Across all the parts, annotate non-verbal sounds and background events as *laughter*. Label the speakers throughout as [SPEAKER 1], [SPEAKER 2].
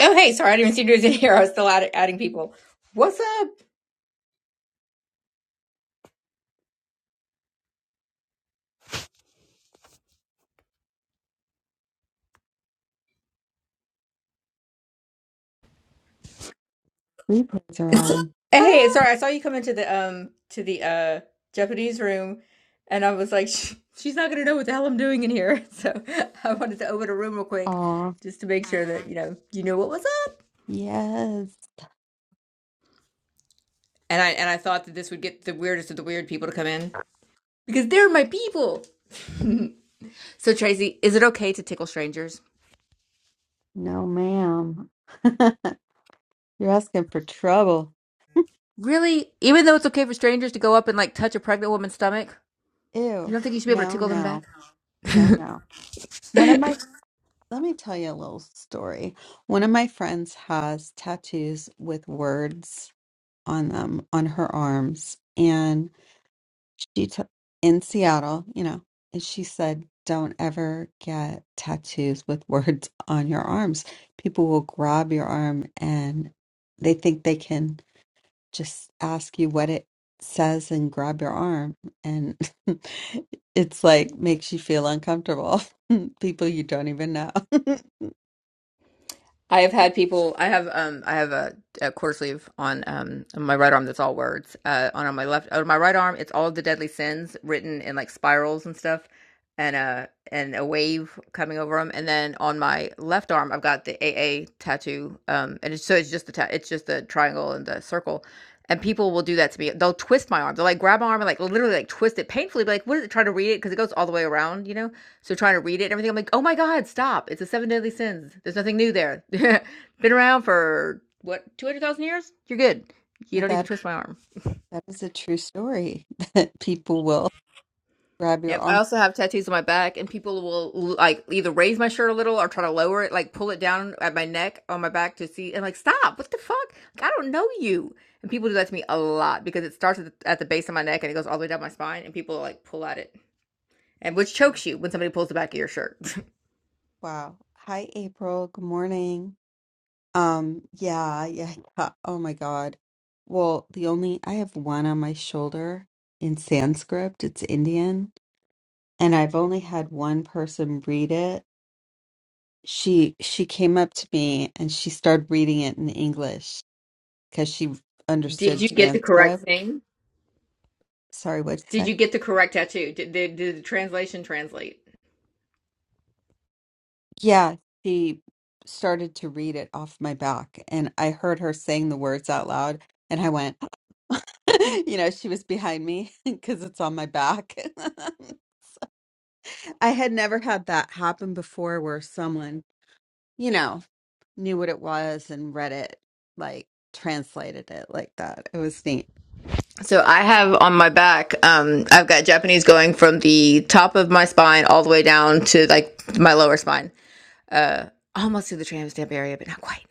[SPEAKER 1] Oh, hey, sorry, I didn't even see you was in here. I was still add- adding people. What's up?
[SPEAKER 2] Replays are on.
[SPEAKER 1] Eh, Hey,
[SPEAKER 2] Ah,
[SPEAKER 1] sorry, I saw you come into the um to the uh Japanese room, and I was like, "She- she's not gonna know what the hell I'm doing in here. *laughs* So I wanted to open a room real quick
[SPEAKER 2] aw,
[SPEAKER 1] just to make sure that you know you know what was up.
[SPEAKER 2] yes.
[SPEAKER 1] And I and I thought that this would get the weirdest of the weird people to come in because they're my people. So Tracy, is it okay to tickle strangers?
[SPEAKER 2] No, ma'am. *laughs* You're asking for trouble.
[SPEAKER 1] Really? Even though it's okay for strangers to go up and like touch a pregnant woman's stomach, you
[SPEAKER 2] Ew.
[SPEAKER 1] don't think you should be able to
[SPEAKER 2] No,
[SPEAKER 1] tickle them back?
[SPEAKER 2] no, no, no. One of my, let me tell you a little story. One of my friends has tattoos with words on them on her arms, and. she took in Seattle, you know, and she said, "Don't ever get tattoos with *laughs* words on your arms. People will grab your arm and they think they can just ask you what it says and grab your arm, and *laughs* it's like makes you feel uncomfortable. *laughs* People you don't even know." *laughs* so
[SPEAKER 1] I have had people. I have um. I have a, a quarter sleeve on um on my right arm that's all words. Uh, on, on my left, on my right arm, it's all the deadly sins written in like spirals and stuff, and uh and a wave coming over them. And then on my left arm, I've got the AA tattoo. Um, and it's, so it's just the ta- it's just the triangle and the circle. And people will do that to me. They'll twist my arm. They'll like grab my arm and like literally like twist it painfully. But like, what is it? Try to read it because it goes all the way around, you know so trying to read it and everything, I'm like, oh my God, stop. It's the seven deadly sins. There's nothing new there. *laughs* Been around for what, 200,000 years? You're good. You don't need to
[SPEAKER 2] that
[SPEAKER 1] twist my arm.
[SPEAKER 2] that is a true story *laughs* that people will grab your
[SPEAKER 1] Yep. I
[SPEAKER 2] arm.
[SPEAKER 1] also have tattoos on my back, and people will like either raise my shirt a little or try to lower it, like pull it down at my neck on my back to see. And like, stop. What the fuck? Like, I don't know you. And people do that to me a lot because it starts at the, at the base of my neck and it goes all the way down my spine, and people like pull at it, and which chokes you when somebody pulls the back of your shirt. *laughs*
[SPEAKER 2] Wow. Hi, April. Good morning. Um, yeah, yeah, yeah. Oh my God. Well, the only I have one on my shoulder in Sanskrit, it's Indian, and I've only had one person read it. She she came up to me and she started reading it in English because she
[SPEAKER 1] Did
[SPEAKER 2] understood
[SPEAKER 1] you get the correct
[SPEAKER 2] Sanskrit.
[SPEAKER 1] thing?
[SPEAKER 2] Sorry, what'd you
[SPEAKER 1] Did you
[SPEAKER 2] say?
[SPEAKER 1] get the correct tattoo? Did, did, did the translation translate?
[SPEAKER 2] Yeah, she started to read it off my back, and I heard her saying the words out loud, and I went, *laughs* you know, she was behind me *laughs* because it's on my back. *laughs* I had never had that happen before where someone, you know, knew what it was and read it, like translated it like that. It was neat.
[SPEAKER 1] So I have on my back, um, I've got Japanese going from the top of my spine all the way down to like my lower spine. uh, almost to the tram stamp area, but not quite.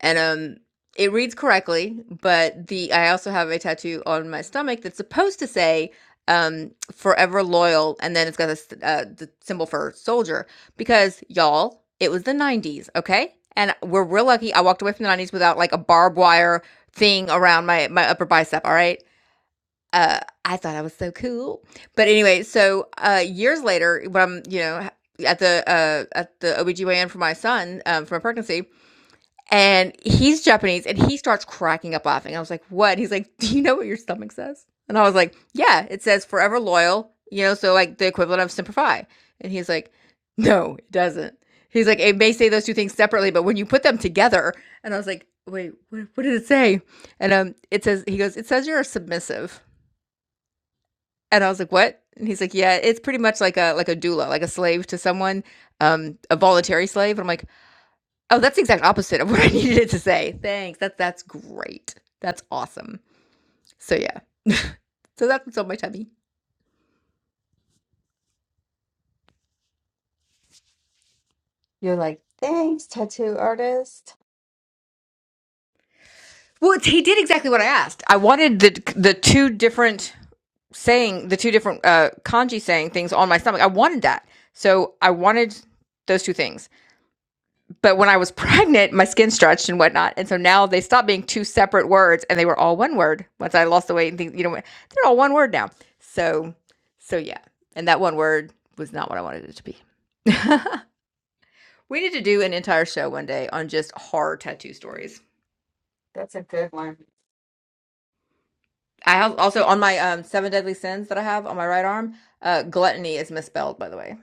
[SPEAKER 1] And um, it reads correctly, but the I also have a tattoo on my stomach that's supposed to say um forever loyal and then it's got this uh the symbol for soldier because y'all it was the 90s okay and we're real lucky i walked away from the 90s without like a barbed wire thing around my my upper bicep all right uh, I thought I was so cool. But anyway, so, uh, years later, when I'm, you know, ha at the, uh, at the OBGYN for my son, um, from a pregnancy, and he's Japanese, and he starts cracking up laughing. I was like, "What?" He's like, "Do you know what your stomach says?" And I was like, "Yeah, it says forever loyal, you know, so, like, the equivalent of "simplify." And he's like, "No, it doesn't." He's like, "It may say those 2 things separately, but when you put them together" and I was like, "Wait, what what did it say?" And, um, it says he goes, "It says you're submissive." And I was like, "What?" And he's like, "Yeah, it's pretty much like a like a doula, like a slave to someone, um, a voluntary slave." And I'm like, "Oh, that's the exact opposite of *laughs* what I needed it to say. Thanks. That's that's great. That's awesome." So yeah, so that's what's on my tummy.
[SPEAKER 2] You're like, thanks, tattoo artist.
[SPEAKER 1] Well, it's- he did exactly what I asked. I wanted the the two different saying the two different uh kanji saying things on my stomach. I wanted that, so I wanted those two things. but when I was *laughs* pregnant, my skin stretched and whatnot. And so now they stopped being two separate words and they were all one word. Once I lost the weight and things, you know, they're all one word now. So, so yeah. And that one word was not what I wanted it to be. *laughs* we need to do an entire show one day on just horror tattoo stories.
[SPEAKER 2] That's a good one.
[SPEAKER 1] I have also on my um, seven deadly sins that I have on my right arm, uh, gluttony is misspelled, by the way.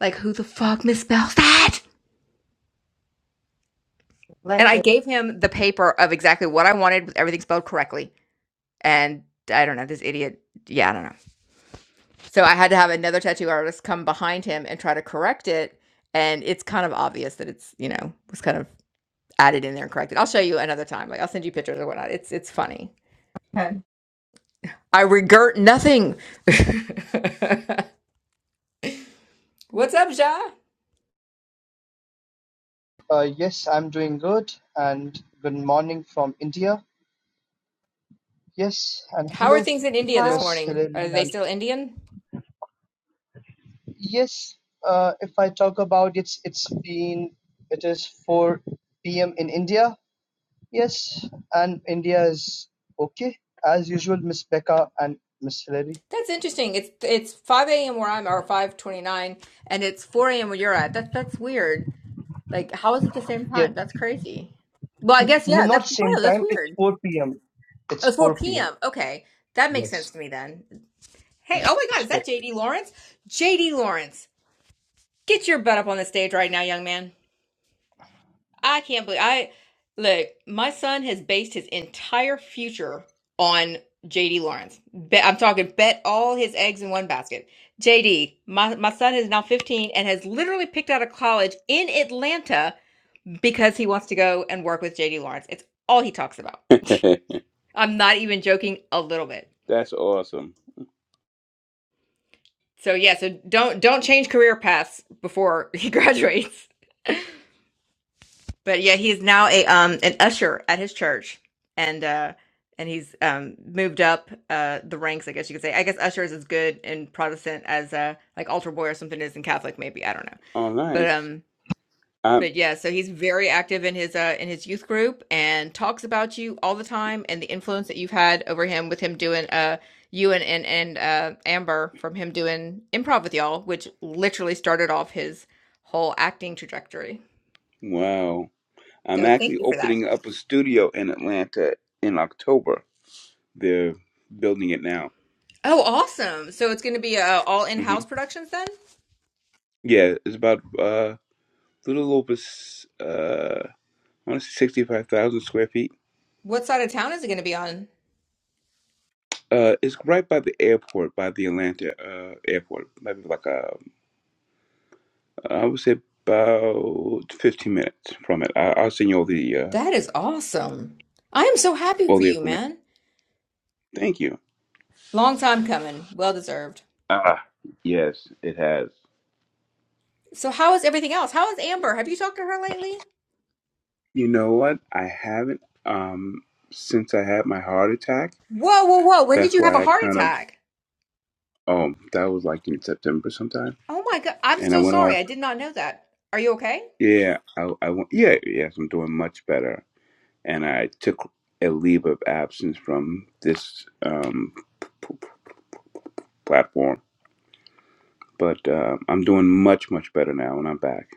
[SPEAKER 1] Like, who the fuck misspells that? And
[SPEAKER 2] Let
[SPEAKER 1] I
[SPEAKER 2] me.
[SPEAKER 1] gave him the paper of exactly what I wanted with everything spelled correctly. And I don't know, this idiot, yeah, I don't know. So I had to have another tattoo artist come behind him and try to correct it. And it's kind of obvious that it's, you know, was kind of added in there and corrected. I'll show you another time. Like I'll send you pictures or whatnot. It's it's funny.
[SPEAKER 2] Okay.
[SPEAKER 1] I regret nothing. *laughs* What's up, Ja?
[SPEAKER 3] Uh, yes, I'm doing good, and good morning from India. Yes, and
[SPEAKER 1] How are
[SPEAKER 3] hello,
[SPEAKER 1] things in India this
[SPEAKER 2] Hi.
[SPEAKER 3] Miss
[SPEAKER 1] morning?
[SPEAKER 3] Helen.
[SPEAKER 1] Are they
[SPEAKER 3] And
[SPEAKER 1] still Indian?
[SPEAKER 3] yes, uh, if I talk about it's it's been it is 4 p.m. in India. Yes, and India is okay as usual, Miss Becca and Miss Hillary.
[SPEAKER 1] That's interesting. It's it's 5 a.m. where I'm, or 5:29, and it's 4 a.m. where you're at. That that's weird. Like, how is it the same
[SPEAKER 3] Yes,
[SPEAKER 1] time? That's crazy. Well, I guess
[SPEAKER 3] no,
[SPEAKER 1] yeah. That's
[SPEAKER 3] not same
[SPEAKER 1] oh, that's
[SPEAKER 3] time. It's
[SPEAKER 1] weird. It
[SPEAKER 3] 4 p.m. It's
[SPEAKER 1] was 4
[SPEAKER 3] 4 p.m.
[SPEAKER 1] p.m. Okay, that makes
[SPEAKER 3] Yes,
[SPEAKER 1] sense to me then. Hey,
[SPEAKER 3] Mm,
[SPEAKER 1] oh my
[SPEAKER 3] it's
[SPEAKER 1] God, is that
[SPEAKER 3] 4.
[SPEAKER 1] J.D. Lawrence? J.D. Lawrence, get your butt up on the stage right now, young man. I can't believe I look. My son has based his entire future on J.D. Lawrence. Bet, I'm talking bet all his eggs in one basket. J.D. My my son is now 15 and has literally picked out a college in Atlanta because he wants to go and work with JD Lawrence. It's all he talks about.
[SPEAKER 4] *laughs*
[SPEAKER 1] I'm not even joking a little bit.
[SPEAKER 4] That's awesome.
[SPEAKER 1] So yeah, so don't don't change career paths before *laughs* he graduates. But yeah, he's now a um an usher at his church, and uh and he's um moved up uh the ranks, I guess you could say. I guess usher is as good in Protestant as uh like altar boy or something is in Catholic, maybe I don't know.
[SPEAKER 4] Oh,
[SPEAKER 1] But
[SPEAKER 4] nice.
[SPEAKER 1] um
[SPEAKER 4] I'm
[SPEAKER 1] But yeah, so he's very active in his uh in his youth group and talks about you all the time and the influence that you've had over him with him doing uh you and and, and uh Amber from him doing improv with y'all, which literally started off his whole acting trajectory.
[SPEAKER 4] wow. I'm
[SPEAKER 1] So thank
[SPEAKER 4] actually
[SPEAKER 1] you for that.
[SPEAKER 4] opening up a studio in Atlanta in October. They're building it now.
[SPEAKER 1] Oh, awesome. So it's going to be uh, all
[SPEAKER 4] hmm
[SPEAKER 1] in-house productions then?
[SPEAKER 4] Yeah, it's about uh, a little over s- uh, I want to say sixty-five thousand square feet.
[SPEAKER 1] What side of town is it going to be on?
[SPEAKER 4] Uh, it's right by the airport, by the Atlanta uh, airport. Maybe like uh, I would say about fifteen minutes from it. I- I'll send you all the uh,
[SPEAKER 1] That is awesome. I am so happy
[SPEAKER 4] all
[SPEAKER 1] for
[SPEAKER 4] the
[SPEAKER 1] you,
[SPEAKER 4] information.
[SPEAKER 1] man.
[SPEAKER 4] Thank you.
[SPEAKER 1] Long time coming. Well deserved.
[SPEAKER 4] Ah, yes, it has.
[SPEAKER 1] So how is everything else? How is Amber? Have you talked to her lately?
[SPEAKER 4] You know what? I haven't um since I had my heart attack.
[SPEAKER 1] Whoa, whoa, whoa. When did
[SPEAKER 4] That's
[SPEAKER 1] you have a
[SPEAKER 4] why I
[SPEAKER 1] heart
[SPEAKER 4] kind of
[SPEAKER 1] attack?
[SPEAKER 4] oh that was like in September sometime,
[SPEAKER 1] Oh my God. I'm
[SPEAKER 4] and I
[SPEAKER 1] so
[SPEAKER 4] went
[SPEAKER 1] sorry.
[SPEAKER 4] off.
[SPEAKER 1] I did not know that. Are you okay?
[SPEAKER 4] Yeah, I I went. Yeah, yes, I'm doing much better, and I took a leave of absence from this um p- p- p- platform, but um I'm doing much much better now, and I'm back.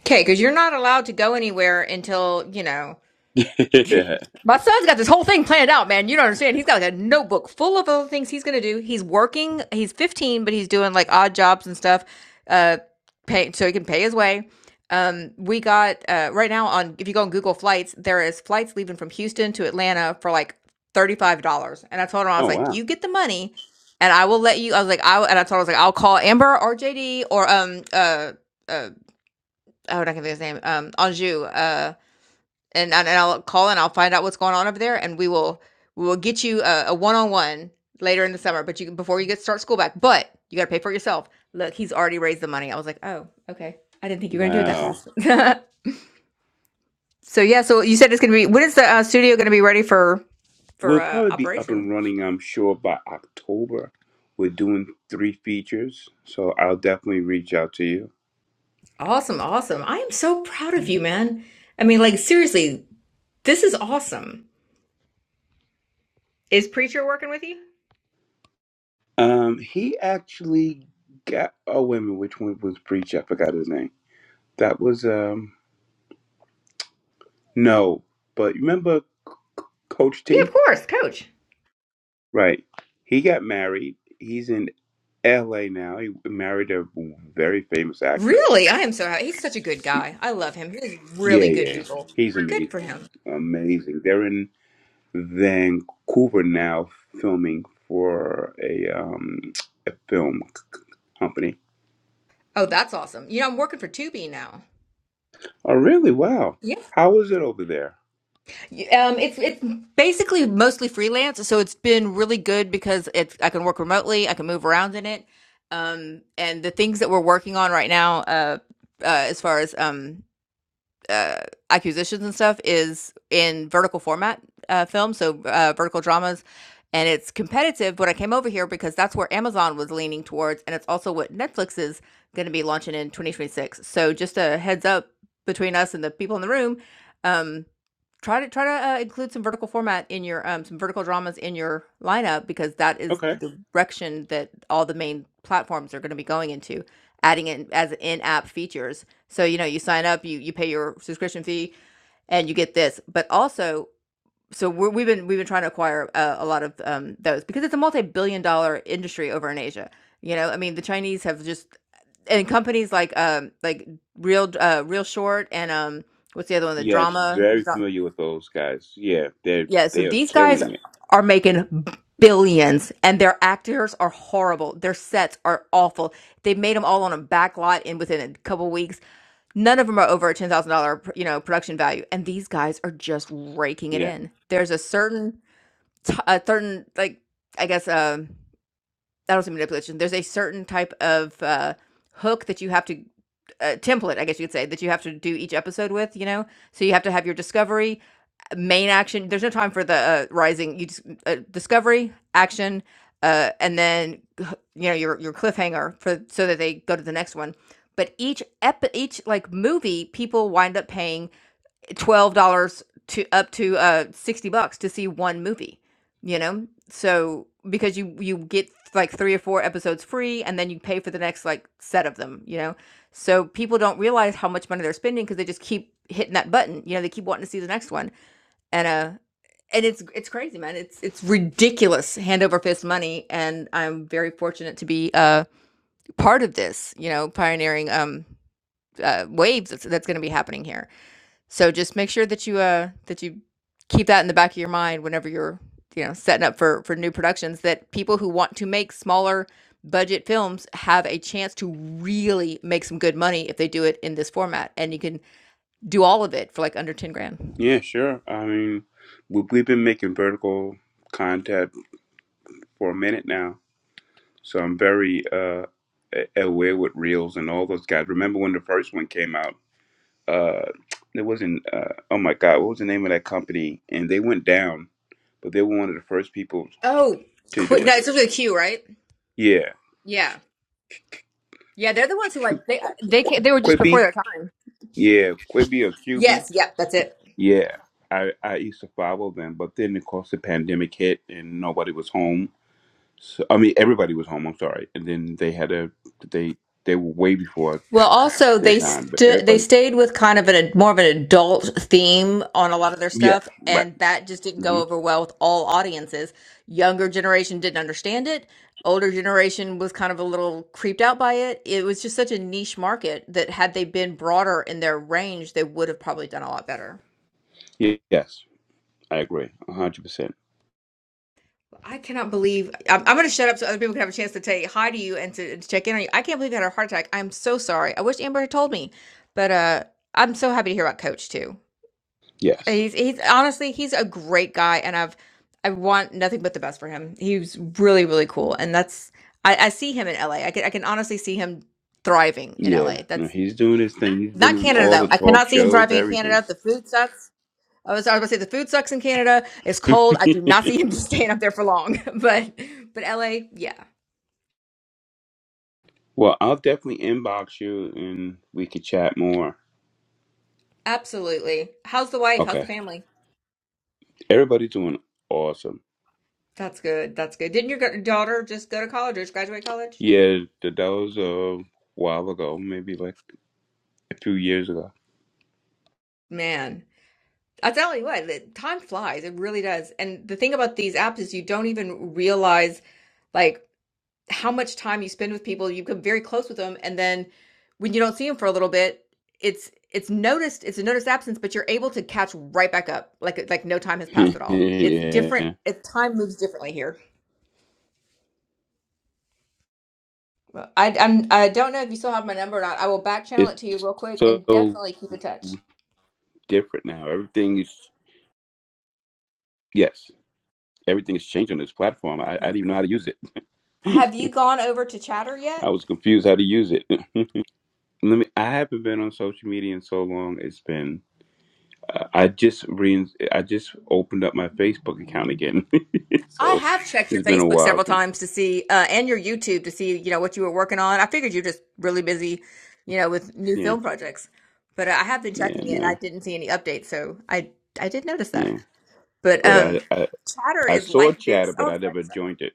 [SPEAKER 1] Okay, because you're not allowed to go anywhere until, you know.
[SPEAKER 4] *laughs* yeah.
[SPEAKER 1] *laughs* My son's got this whole thing planned out, man. You don't understand. He's got like a notebook full of other things he's gonna do. He's working. He's 15, but he's doing like odd jobs and stuff, uh, pay so he can pay his way. Um, we got uh, right now on if you go on Google Flights, there is flights leaving from Houston to Atlanta for like $35. And I told him I was
[SPEAKER 4] Oh
[SPEAKER 1] like,
[SPEAKER 4] wow,
[SPEAKER 1] you get the money, and I will let you. I was like, I and I told him I was like, I'll call Amber or JD or um uh uh oh, I can think of his name um Anjou uh and and and I'll call and I'll find out what's going on over there, and we will we will get you a, a one-on-one later in the summer. But you can- before you get start school back, but you got to pay for it yourself. Look, he's already raised the money. I was like, oh, okay. I didn't think you were gonna do it that
[SPEAKER 4] wow.
[SPEAKER 1] fast. *laughs* so yeah, so you said it's gonna be when is the uh, studio gonna be ready for for
[SPEAKER 4] We'll
[SPEAKER 1] uh,
[SPEAKER 4] probably be up
[SPEAKER 1] operation?
[SPEAKER 4] and running, I'm sure, by October. We're doing three features, so I'll definitely reach out to you.
[SPEAKER 1] Awesome, awesome. I am so proud of you, man. I mean, like seriously, this is awesome. Is preacher working with you?
[SPEAKER 4] Um, he actually got. Oh wait a minute, which one was preach? I forgot his name. That was um no, but you remember C- C- Coach
[SPEAKER 1] Yeah, of
[SPEAKER 4] T?
[SPEAKER 1] course, coach.
[SPEAKER 4] Right. He got married. He's in L.A. now. He married a very famous actress.
[SPEAKER 1] Really? I am so happy. He's such a good guy. I love him. He's
[SPEAKER 4] Yeah,
[SPEAKER 1] really good
[SPEAKER 4] yeah.
[SPEAKER 1] people.
[SPEAKER 4] He's
[SPEAKER 1] Good for
[SPEAKER 4] amazing.
[SPEAKER 1] him.
[SPEAKER 4] Amazing. They're in Vancouver now filming for a um a film c- company.
[SPEAKER 1] Oh, that's awesome. You know, I'm working for Tubi now.
[SPEAKER 4] Oh, really? Wow.
[SPEAKER 1] Yeah.
[SPEAKER 4] How is it over there?
[SPEAKER 1] Um, it's it's basically mostly freelance, so it's been really good because it's I can work remotely, I can move around in it. Um, and the things that we're working on right now, uh, uh as far as um uh, acquisitions and stuff is in vertical format uh, films, so uh, vertical dramas, and it's competitive. But I came over here because that's where Amazon was leaning towards, and it's also what Netflix is going to be launching in 2026. So just a heads up between us and the people in the room. Um, Try to try to, uh, include some vertical format in your, um some vertical dramas in your lineup because that is
[SPEAKER 4] Okay.
[SPEAKER 1] the direction that all the main platforms are gonna be going into, adding in as in-app features. So, you know, you sign up, you you pay your subscription fee, and you get this. But also so we're we've been we've been trying to acquire, uh, a lot of, um, those because it's a multi-billion dollar industry over in Asia, you know? I mean, the Chinese have just and companies like, um, like Real, uh, Real Short and, um, what's the other one? The
[SPEAKER 4] Yes,
[SPEAKER 1] Drama
[SPEAKER 4] very familiar with those guys. Yeah, they
[SPEAKER 1] yeah, so
[SPEAKER 4] they are
[SPEAKER 1] these guys
[SPEAKER 4] killing it.
[SPEAKER 1] are making billions and their actors are horrible. Their sets are awful. They made them all on a back lot and within a couple weeks. None of them are over a $10,000, you know, production value. And these guys are just raking it
[SPEAKER 4] Yeah.
[SPEAKER 1] in. There's a certain, t- a certain, like, I guess, um I don't say manipulation. There's a certain type of uh, hook that you have to uh, template, I guess you could say, that you have to do each episode with. You know, so you have to have your discovery, main action. There's no time for the uh, rising. You just uh, discovery action, uh, and then h- you know your your cliffhanger for so that they go to the next one. But each ep each like movie, people wind up paying twelve dollars to up to uh sixty bucks to see one movie. You know, so because you you get like three or four episodes free, and then you pay for the next like set of them. You know, so people don't realize how much money they're spending because they just keep hitting that button. You know, they keep wanting to see the next one, and uh. And it's it's crazy, man. It's it's ridiculous, hand over fist money. And I'm very fortunate to be uh, part of this, you know, pioneering um, uh, waves that's, that's going to be happening here so just make sure that you uh that you keep that in the back of your mind whenever you're you know setting up for for new productions that people who want to make smaller budget films have a chance to really make some good money if they do it in this format and you can do all of it for like under 10 grand.
[SPEAKER 4] Yeah, sure. I mean, we- we've been making vertical content for a minute now, so I'm very uh a- aware with reels and all those guys. Remember when the first one came out? uh it wasn't uh oh my god what was the name of that company and they went down but they were one of the first people
[SPEAKER 1] Oh,
[SPEAKER 4] to do
[SPEAKER 1] quit.
[SPEAKER 4] it
[SPEAKER 1] No, it's with a Q, right?
[SPEAKER 4] yeah
[SPEAKER 1] Yeah. Yeah, they're the ones who
[SPEAKER 4] Q-
[SPEAKER 1] like they they ca they were just before
[SPEAKER 4] quibi
[SPEAKER 1] their time.
[SPEAKER 4] yeah quibi or qb
[SPEAKER 1] Yes, yep, that's it.
[SPEAKER 4] yeah i i used to follow them but then of course the pandemic hit and nobody was home so i mean everybody was home i'm sorry and then they had a they they were way before
[SPEAKER 1] Well, also
[SPEAKER 4] their
[SPEAKER 1] they
[SPEAKER 4] time but
[SPEAKER 1] st- they
[SPEAKER 4] everybody
[SPEAKER 1] stayed with kind of an more of an adult theme on a lot of their
[SPEAKER 4] yeah
[SPEAKER 1] stuff,
[SPEAKER 4] right
[SPEAKER 1] and that just didn't go
[SPEAKER 4] hmm
[SPEAKER 1] over well with all audiences. Younger generation didn't understand it. Older generation was kind of a little creeped out by it. It was just such a niche market that had they been broader in their range, they would have probably done a lot better.
[SPEAKER 4] Yeah, yes i agree 100%
[SPEAKER 1] I cannot believe I'm, I'm going to shut up so other people can have a chance to say hi to you and to, to check in on you. I can't believe you had a heart attack. I'm so sorry. I wish Amber had told me, but uh, I'm so happy to hear about Coach too.
[SPEAKER 4] yes
[SPEAKER 1] He's he's honestly he's a great guy, and I've I want nothing but the best for him. He's really really cool, and that's I, I see him in L A I can I can honestly see him thriving in
[SPEAKER 4] Yeah,
[SPEAKER 1] LA.
[SPEAKER 4] no,
[SPEAKER 1] That's
[SPEAKER 4] he's doing his thing. He's
[SPEAKER 1] not
[SPEAKER 4] been on
[SPEAKER 1] Canada
[SPEAKER 4] all
[SPEAKER 1] though.
[SPEAKER 4] the
[SPEAKER 1] I
[SPEAKER 4] talk
[SPEAKER 1] cannot see him
[SPEAKER 4] shows,
[SPEAKER 1] thriving in
[SPEAKER 4] everything.
[SPEAKER 1] Canada. The food sucks. I was I was gonna say the food sucks in Canada. It's cold. I do not see him *laughs* staying up there for long. *laughs* But but LA, yeah,
[SPEAKER 4] Well, I'll definitely inbox you and we could chat more.
[SPEAKER 1] absolutely. How's the wife? How's
[SPEAKER 4] Okay.
[SPEAKER 1] the family?
[SPEAKER 4] Everybody's doing awesome.
[SPEAKER 1] That's good. That's good. Didn't your g- daughter just go to college or just graduate college?
[SPEAKER 4] Yeah, th- that was a while ago, maybe like a few years ago.
[SPEAKER 1] Man. I tell you what, the time flies. It really does. And the thing about these apps is you don't even realize like how much time you spend with people. You become very close with them, and then when you don't see them for a little bit, it's it's noticed. It's a noticed absence, but you're able to catch right back up, like like no time
[SPEAKER 4] *laughs*
[SPEAKER 1] has passed at all. It's
[SPEAKER 4] yeah.
[SPEAKER 1] different. It, time moves differently here. Well, I I'm, I don't know if you still have my number or not. I will back channel
[SPEAKER 4] It's
[SPEAKER 1] it to you real quick and
[SPEAKER 4] so
[SPEAKER 1] definitely keep in touch.
[SPEAKER 4] different now. Everything is, yes, everything is changed on this platform. I, I didn't even know how to use it.
[SPEAKER 1] Have you gone over to Chatter
[SPEAKER 4] *laughs*
[SPEAKER 1] yet?
[SPEAKER 4] I was confused how to use it. *laughs* Let me, I haven't been on social media in so long. It's been Uh, I just re- I just opened up my Facebook account again, *laughs*
[SPEAKER 1] I
[SPEAKER 4] so
[SPEAKER 1] have checked your
[SPEAKER 4] it's been a
[SPEAKER 1] Facebook
[SPEAKER 4] while
[SPEAKER 1] several
[SPEAKER 4] since.
[SPEAKER 1] times to see, uh, and your YouTube to see, you know, what you were working on. I figured you're just really busy, you know, with new
[SPEAKER 4] Yeah,
[SPEAKER 1] film projects. But uh, I have been
[SPEAKER 4] yeah,
[SPEAKER 1] checking it, and I
[SPEAKER 4] no,
[SPEAKER 1] didn't see any updates, so I I did notice that.
[SPEAKER 4] yeah.
[SPEAKER 1] But
[SPEAKER 4] But
[SPEAKER 1] um,
[SPEAKER 4] I, I
[SPEAKER 1] Chatter
[SPEAKER 4] I
[SPEAKER 1] is
[SPEAKER 4] saw
[SPEAKER 1] like
[SPEAKER 4] Chatter,
[SPEAKER 1] this. Oh,
[SPEAKER 4] but
[SPEAKER 1] I'm
[SPEAKER 4] I
[SPEAKER 1] sorry,
[SPEAKER 4] never
[SPEAKER 1] sorry.
[SPEAKER 4] joined it.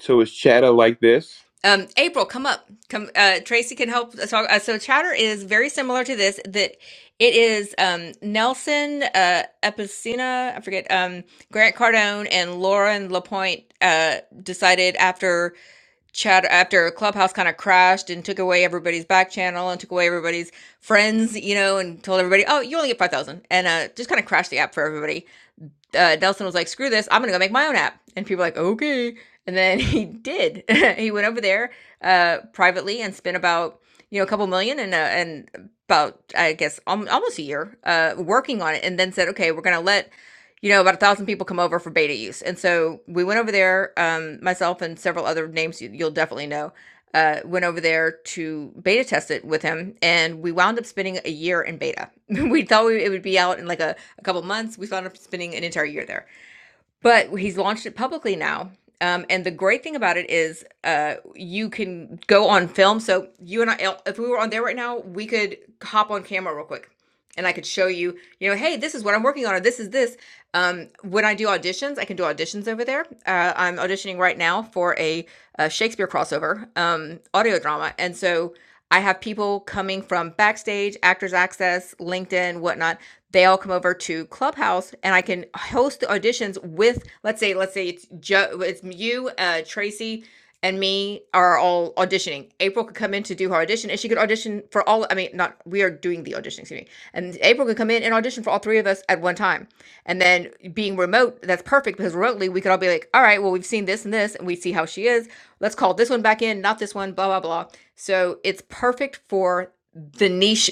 [SPEAKER 4] So it's Chatter like this.
[SPEAKER 1] Um, April, come up. Come, uh, Tracy can help us talk. Uh, so Chatter is very similar to this. That it is um Nelson uh Epicena, I forget um Grant Cardone and Lauren Lapointe uh decided after. chat after Clubhouse kind of crashed and took away everybody's back channel and took away everybody's friends, you know, and told everybody, oh, you only get 5,000 and uh, just kind of crashed the app for everybody. Uh, Nelson was like, screw this, I'm going to go make my own app. And people were like, okay. And then he did. *laughs* he went over there uh, privately and spent about, you know, a couple million and, uh, and about, I guess, al- almost a year uh, working on it and then said, okay, we're going to let you know, about a thousand people come over for beta use. And so we went over there, um, myself and several other names you, you'll definitely know, uh, went over there to beta test it with him. And we wound up spending a year in beta. *laughs* we thought we, it would be out in like a, a couple months. We wound up spending an entire year there. But he's launched it publicly now. Um, and the great thing about it is uh, you can go on film. So you and I, if we were on there right now, we could hop on camera real quick and I could show you, you know, hey, this is what I'm working on, or this is this. Um, when I do auditions, I can do auditions over there. Uh, I'm auditioning right now for a, a Shakespeare crossover um, audio drama, and so I have people coming from backstage, Actors Access, LinkedIn, whatnot. They all come over to Clubhouse, and I can host the auditions with, let's say, let's say it's Joe, it's you, uh, Tracy and me are all auditioning. April could come in to do her audition, and she could audition for all. I mean, not we are doing the audition, excuse me. And April could come in and audition for all three of us at one time. And then being remote, that's perfect because remotely we could all be like, all right, well we've seen this and this, and we see how she is. Let's call this one back in, not this one, blah blah blah. So it's perfect for the niche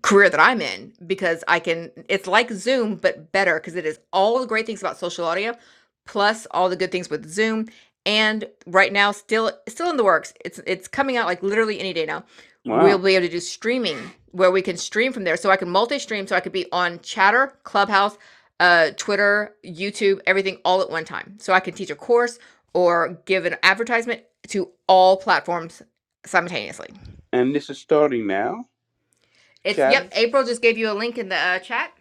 [SPEAKER 1] career that I'm in because I can. It's like Zoom but better because it is all the great things about social audio plus all the good things with Zoom. And right now, still still in the works. It's it's coming out like literally any day now. We'll
[SPEAKER 4] Wow,
[SPEAKER 1] be able to do streaming where we can stream from there. So I can multi-stream. So I could be on Chatter, Clubhouse, uh, Twitter, YouTube, everything all at one time. So I can teach a course or give an advertisement to all platforms simultaneously.
[SPEAKER 4] and this is starting now.
[SPEAKER 1] It's yep.
[SPEAKER 4] Chatter,
[SPEAKER 1] April just gave you a link in the uh, chat.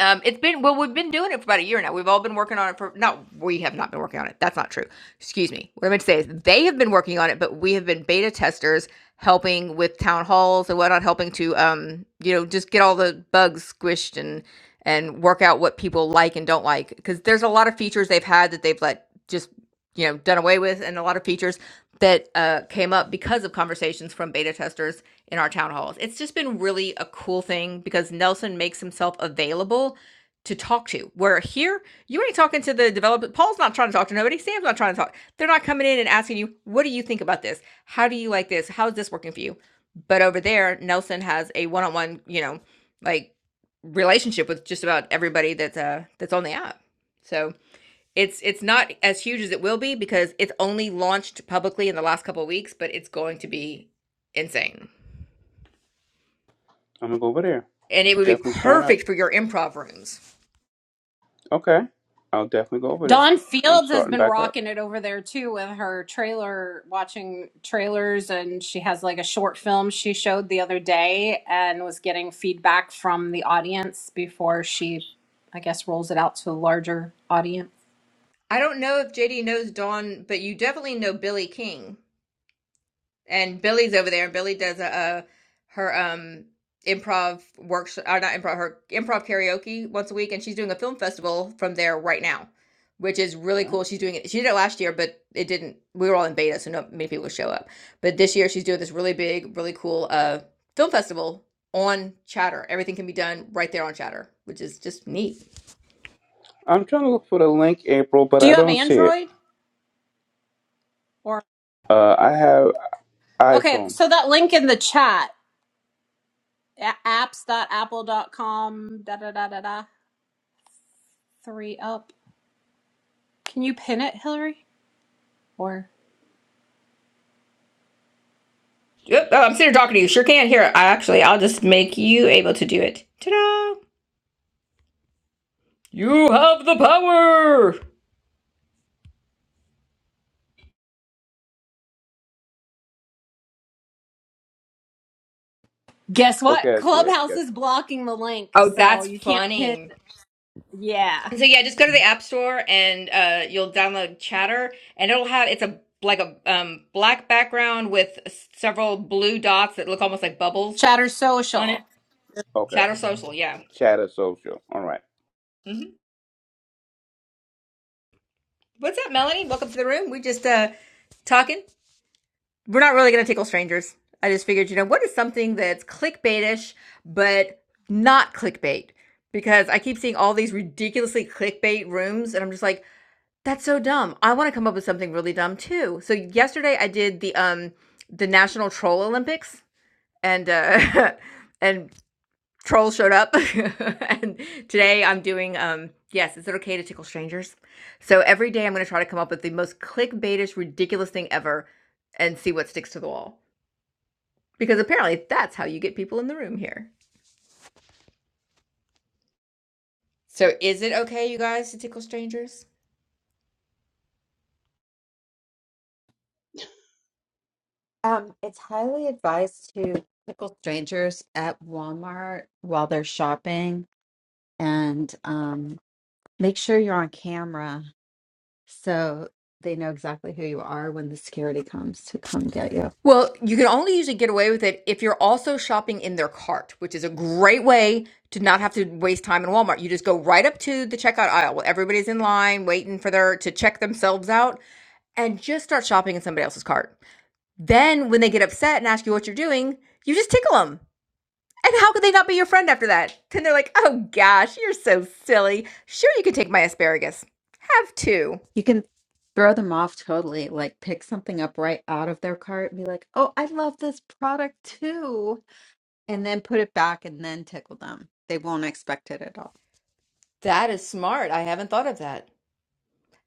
[SPEAKER 1] Um, it's been well, we've been doing it for about a year now. We've all been working on it for no, we have not been working on it. That's not true. Excuse me. What I meant to say is they have been working on it, but we have been beta testers helping with town halls and whatnot, helping to um, you know, just get all the bugs squished and and work out what people like and don't like. Because there's a lot of features they've had that they've let just you know done away with and a lot of features that uh, came up because of conversations from beta testers in our town halls it's just been really a cool thing because nelson makes himself available to talk to where here you ain't talking to the developer paul's not trying to talk to nobody sam's not trying to talk they're not coming in and asking you what do you think about this how do you like this how is this working for you but over there nelson has a one-on-one you know like relationship with just about everybody that's uh that's on the app so it's it's not as huge as it will be because it's only launched publicly in the last couple of weeks, but it's going to be insane.
[SPEAKER 4] I'm gonna go over there.
[SPEAKER 1] And it would be
[SPEAKER 4] Definitely sign up.
[SPEAKER 1] perfect for your improv rooms.
[SPEAKER 4] Okay, I'll definitely go over there.
[SPEAKER 5] Dawn
[SPEAKER 4] I'm
[SPEAKER 5] Fields has
[SPEAKER 4] starting
[SPEAKER 5] been
[SPEAKER 4] back up.
[SPEAKER 5] rocking it over there too with her trailer watching trailers and she has like a short film she showed the other day and was getting feedback from the audience before she I guess rolls it out to a larger audience.
[SPEAKER 1] I don't know if JD knows Dawn, but you definitely know Billy King. and Billy's over there, and Billy does a, a her um improv workshop, or not improv, her improv karaoke once a week, and she's doing a film festival from there right now, which is really
[SPEAKER 4] All right.
[SPEAKER 1] cool. She's doing it. She did it last year, but it didn't. We were all in beta, so not many people would show up. But this year, she's doing this really big, really cool uh film festival on Chatter. Everything can be done right there on Chatter, which is just neat.
[SPEAKER 4] I'm trying to look for the link, April, but
[SPEAKER 5] Do
[SPEAKER 4] I
[SPEAKER 5] you have
[SPEAKER 4] don't see it.
[SPEAKER 5] Android or
[SPEAKER 4] Uh, I have
[SPEAKER 5] Okay,
[SPEAKER 4] iPhone.
[SPEAKER 5] so that link in the chat a- apps.apple dot Com. da da da da da 3 up. Can you pin it, Hillary? Or
[SPEAKER 1] Yep. Oh, I'm sitting here talking to you. Sure can. Here, I actually, I'll just make you able to do it. Ta-da! You have the power.
[SPEAKER 5] guess what?
[SPEAKER 4] Okay, I see it.
[SPEAKER 5] Clubhouse
[SPEAKER 4] Yes.
[SPEAKER 5] is blocking the link,
[SPEAKER 1] Oh,
[SPEAKER 5] so
[SPEAKER 1] that's
[SPEAKER 5] you can't pin.
[SPEAKER 1] funny.
[SPEAKER 5] Yeah.
[SPEAKER 1] So yeah, just go to the App Store and uh, you'll download Chatter, and it'll have it's a like a um, black background with s- several blue dots that look almost like bubbles
[SPEAKER 5] Chatter
[SPEAKER 1] on it.
[SPEAKER 5] Social.
[SPEAKER 4] Okay.
[SPEAKER 1] Chatter Social, yeah.
[SPEAKER 4] Chatter social. All right.
[SPEAKER 1] hmm What's up, Melanie? Welcome to the room. We just uh, talking. We're not really gonna tickle strangers. I just figured, you know, what is something that's clickbaitish but not clickbait? Because I keep seeing all these ridiculously clickbait rooms, and I'm just like. That's so dumb. I wanna come up with something really dumb too. So yesterday I did the, um, the National Troll Olympics and, uh, *laughs* and trolls showed up. *laughs* And today I'm doing, um yes, is it okay to tickle strangers? So every day I'm gonna try to come up with the most clickbaitish, ridiculous thing ever and see what sticks to the wall. Because apparently that's how you get people in the room here. So is it okay, you guys, to tickle strangers?
[SPEAKER 2] Um, it's highly advised to pickle strangers at Walmart while they're shopping, and um, make sure you're on camera so they know exactly who you are when the security comes to come get you.
[SPEAKER 1] Well, you can only usually get away with it if you're also shopping in their cart, which is a great way to not have to waste time in Walmart. You just go right up to the checkout aisle where everybody's in line waiting for their to check themselves out and just start shopping in somebody else's cart. Then when they get upset and ask you what you're doing, you just tickle them. And how could they not be your friend after that? Then they're like, "Oh gosh, you're so silly. Sure you could take my asparagus. Have two."
[SPEAKER 2] You can throw them off totally, like pick something up right out of their cart and be like, "Oh, I love this product too." And then put it back and then tickle them. They won't expect it at all.
[SPEAKER 1] That is smart. I haven't thought of that.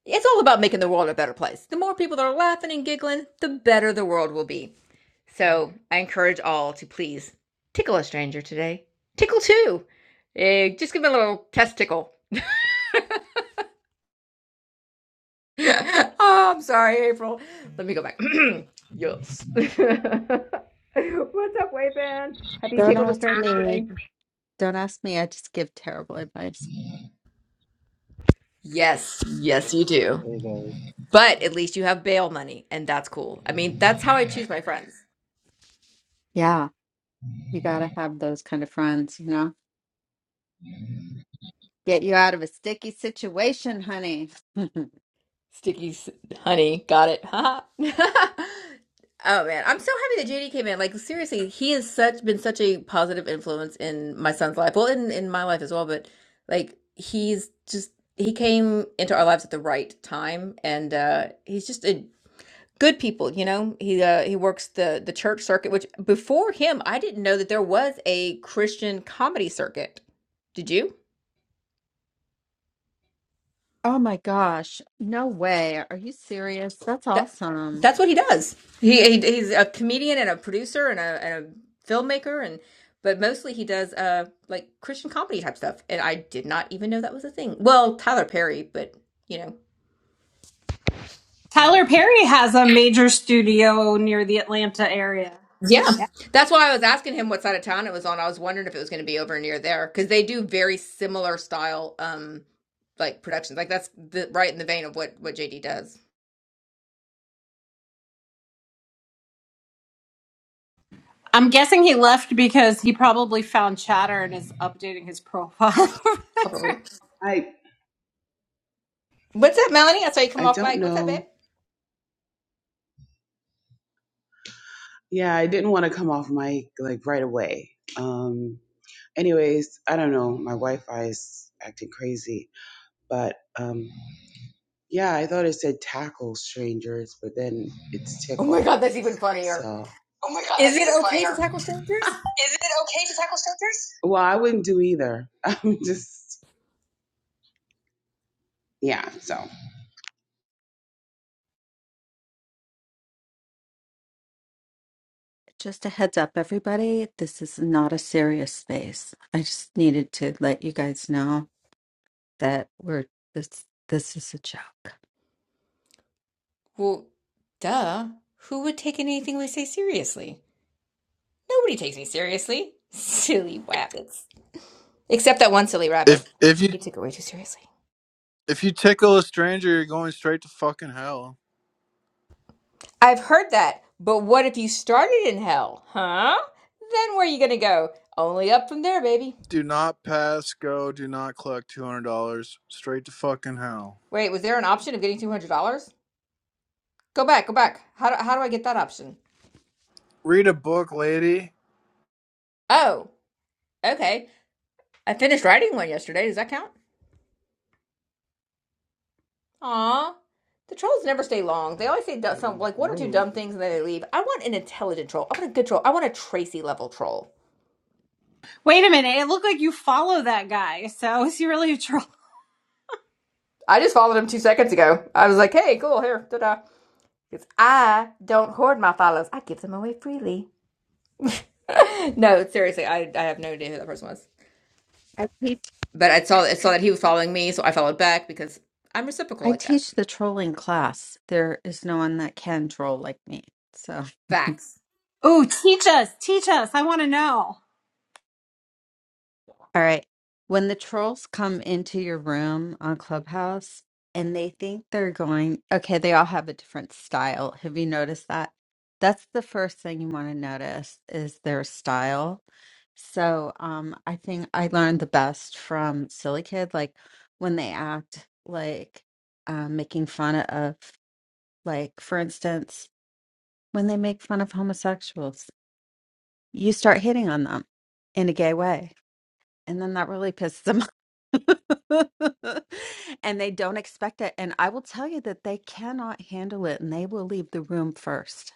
[SPEAKER 1] It's all about making the world a better place. The more people that are laughing and giggling, the better the world will be. So I encourage all to please tickle a stranger today. Tickle too. Eh, just give me a little test tickle. *laughs* oh, I'm sorry, April. Let me go back. *clears throat* yes. *laughs* What's up, Wayfan? Have you
[SPEAKER 2] Don't
[SPEAKER 1] tickled a
[SPEAKER 2] ask
[SPEAKER 1] stranger
[SPEAKER 2] me.
[SPEAKER 1] today?
[SPEAKER 2] Don't ask me. I just give terrible advice.
[SPEAKER 1] Yes, yes, you do.
[SPEAKER 6] Hey guys,
[SPEAKER 1] But at least you have bail money, and that's cool. I mean, that's how I choose my friends.
[SPEAKER 2] Yeah, you gotta have those kind of friends, you know? Get you out of a sticky situation, honey. *laughs*
[SPEAKER 1] Sticky honey. Got it. Ha. *laughs* Oh man, I'm so happy that JD came in. Like seriously, he has such been such a positive influence in my son's life. Well, in in my life as well, but like he's just he came into our lives at the right time and uh he's just a good people, you know. He uh he works the the church circuit, which before him I didn't know that there was a Christian comedy circuit. Did you?
[SPEAKER 2] oh my gosh. No way. Are you serious? That's
[SPEAKER 1] That
[SPEAKER 2] awesome.
[SPEAKER 1] that's what he does. He, he he's a comedian and a producer and a and a filmmaker and but mostly he does uh like Christian comedy type stuff. And I did not even know that was a thing. Well, Tyler Perry, but you know.
[SPEAKER 2] Wow.
[SPEAKER 5] Tyler Perry has a major studio near the Atlanta area.
[SPEAKER 1] Yeah.
[SPEAKER 5] Yeah.
[SPEAKER 1] That's why I was asking him what side of town it was on. I was wondering if it was going to be over near there because they do very similar style, um, like productions. Like that's the, right in the vein of what what JD does.
[SPEAKER 5] I'm guessing he left because he probably found Chatter and is updating his profile. *laughs*
[SPEAKER 1] Probably.
[SPEAKER 7] I
[SPEAKER 1] What's up, Melanie? I saw you come
[SPEAKER 7] I
[SPEAKER 1] off
[SPEAKER 7] don't
[SPEAKER 1] mic. What's up, babe?
[SPEAKER 7] know. Yeah, I didn't want to come off mic like right away. Um anyways, I don't know. My Wi-Fi is acting crazy. But um yeah, I thought it said tackle strangers, but then it's
[SPEAKER 1] Oh my
[SPEAKER 7] tickle.
[SPEAKER 1] god, that's even funnier.
[SPEAKER 7] So Oh my god,
[SPEAKER 1] Is
[SPEAKER 7] that's
[SPEAKER 1] it
[SPEAKER 7] even
[SPEAKER 1] okay to
[SPEAKER 7] funnier.
[SPEAKER 1] tackle strangers?
[SPEAKER 7] Is it okay to tackle strangers? Well, I wouldn't do either. *laughs* I'm just yeah, so
[SPEAKER 2] Just a heads up, everybody, this is not a serious space. I just needed to let you guys know that we're this this is a joke.
[SPEAKER 1] Well, duh. Who would take anything we say seriously? Nobody takes me seriously. *laughs* Silly rabbits. Except that one silly
[SPEAKER 8] If
[SPEAKER 1] rabbit.
[SPEAKER 8] if you
[SPEAKER 1] He took it way too seriously.
[SPEAKER 8] if you tickle a stranger, you're going straight to fucking hell.
[SPEAKER 1] I've heard that, but what if you started in hell? Huh? Then where are you gonna go? Only up from there, baby.
[SPEAKER 8] Do not pass go. Do not collect two hundred dollars. Straight to fucking hell.
[SPEAKER 1] Wait, was there an option of getting $200? Go back, go back. How do, how do I get that option?
[SPEAKER 8] Read a book, lady.
[SPEAKER 1] Oh, okay. I finished writing one yesterday. Does that count? Aw. The trolls never stay long. They always say some like one or two
[SPEAKER 6] whoa!
[SPEAKER 1] dumb things and then they leave. I want an intelligent troll. I want a good troll. I want a Tracy level troll.
[SPEAKER 5] Wait a minute, it looked like you follow that guy. So is he really a troll?
[SPEAKER 1] I just followed him two seconds ago. I was like, hey, cool, here, da da. Because I don't hoard my follows. I give them away freely. *laughs* no, seriously, I, I have no idea who that person was.
[SPEAKER 2] I teach
[SPEAKER 1] But I saw I saw that he was following me, so I followed back because I'm reciprocal
[SPEAKER 2] I
[SPEAKER 1] like that.
[SPEAKER 2] teach the trolling class. There is no one that can troll like me. So
[SPEAKER 1] Facts.
[SPEAKER 5] Ooh, teach us, teach us. I want to know.
[SPEAKER 2] All right. When the trolls come into your room on Clubhouse and they think they're going, okay, they all have a different style. Have you noticed that? That's the first thing you want to notice is their style. So, um, I think I learned the best from Silly Kid, like when they act like um, making fun of, like, for instance, when they make fun of homosexuals, you start hitting on them in a gay way and then that really pissed them off. *laughs* and they don't expect it and i will tell you that they cannot handle it and they will leave the room first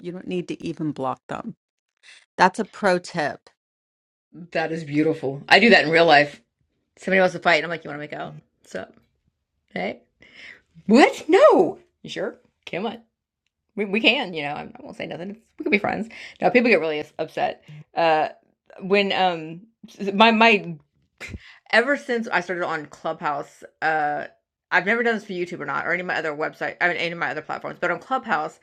[SPEAKER 2] you don't need to even block them that's a pro tip
[SPEAKER 1] That is beautiful. I do that in real life. Somebody wants to fight, and I'm like, "You want to make out? What's up? Hey, what? No. You sure? Come on. We we can. You know, I, won't say nothing. We can be friends. No, people get really upset. Uh, when um, my my ever since I started on Clubhouse, uh, I've never done this for YouTube or not, or any of my other website, I mean, any of my other platforms, but on Clubhouse,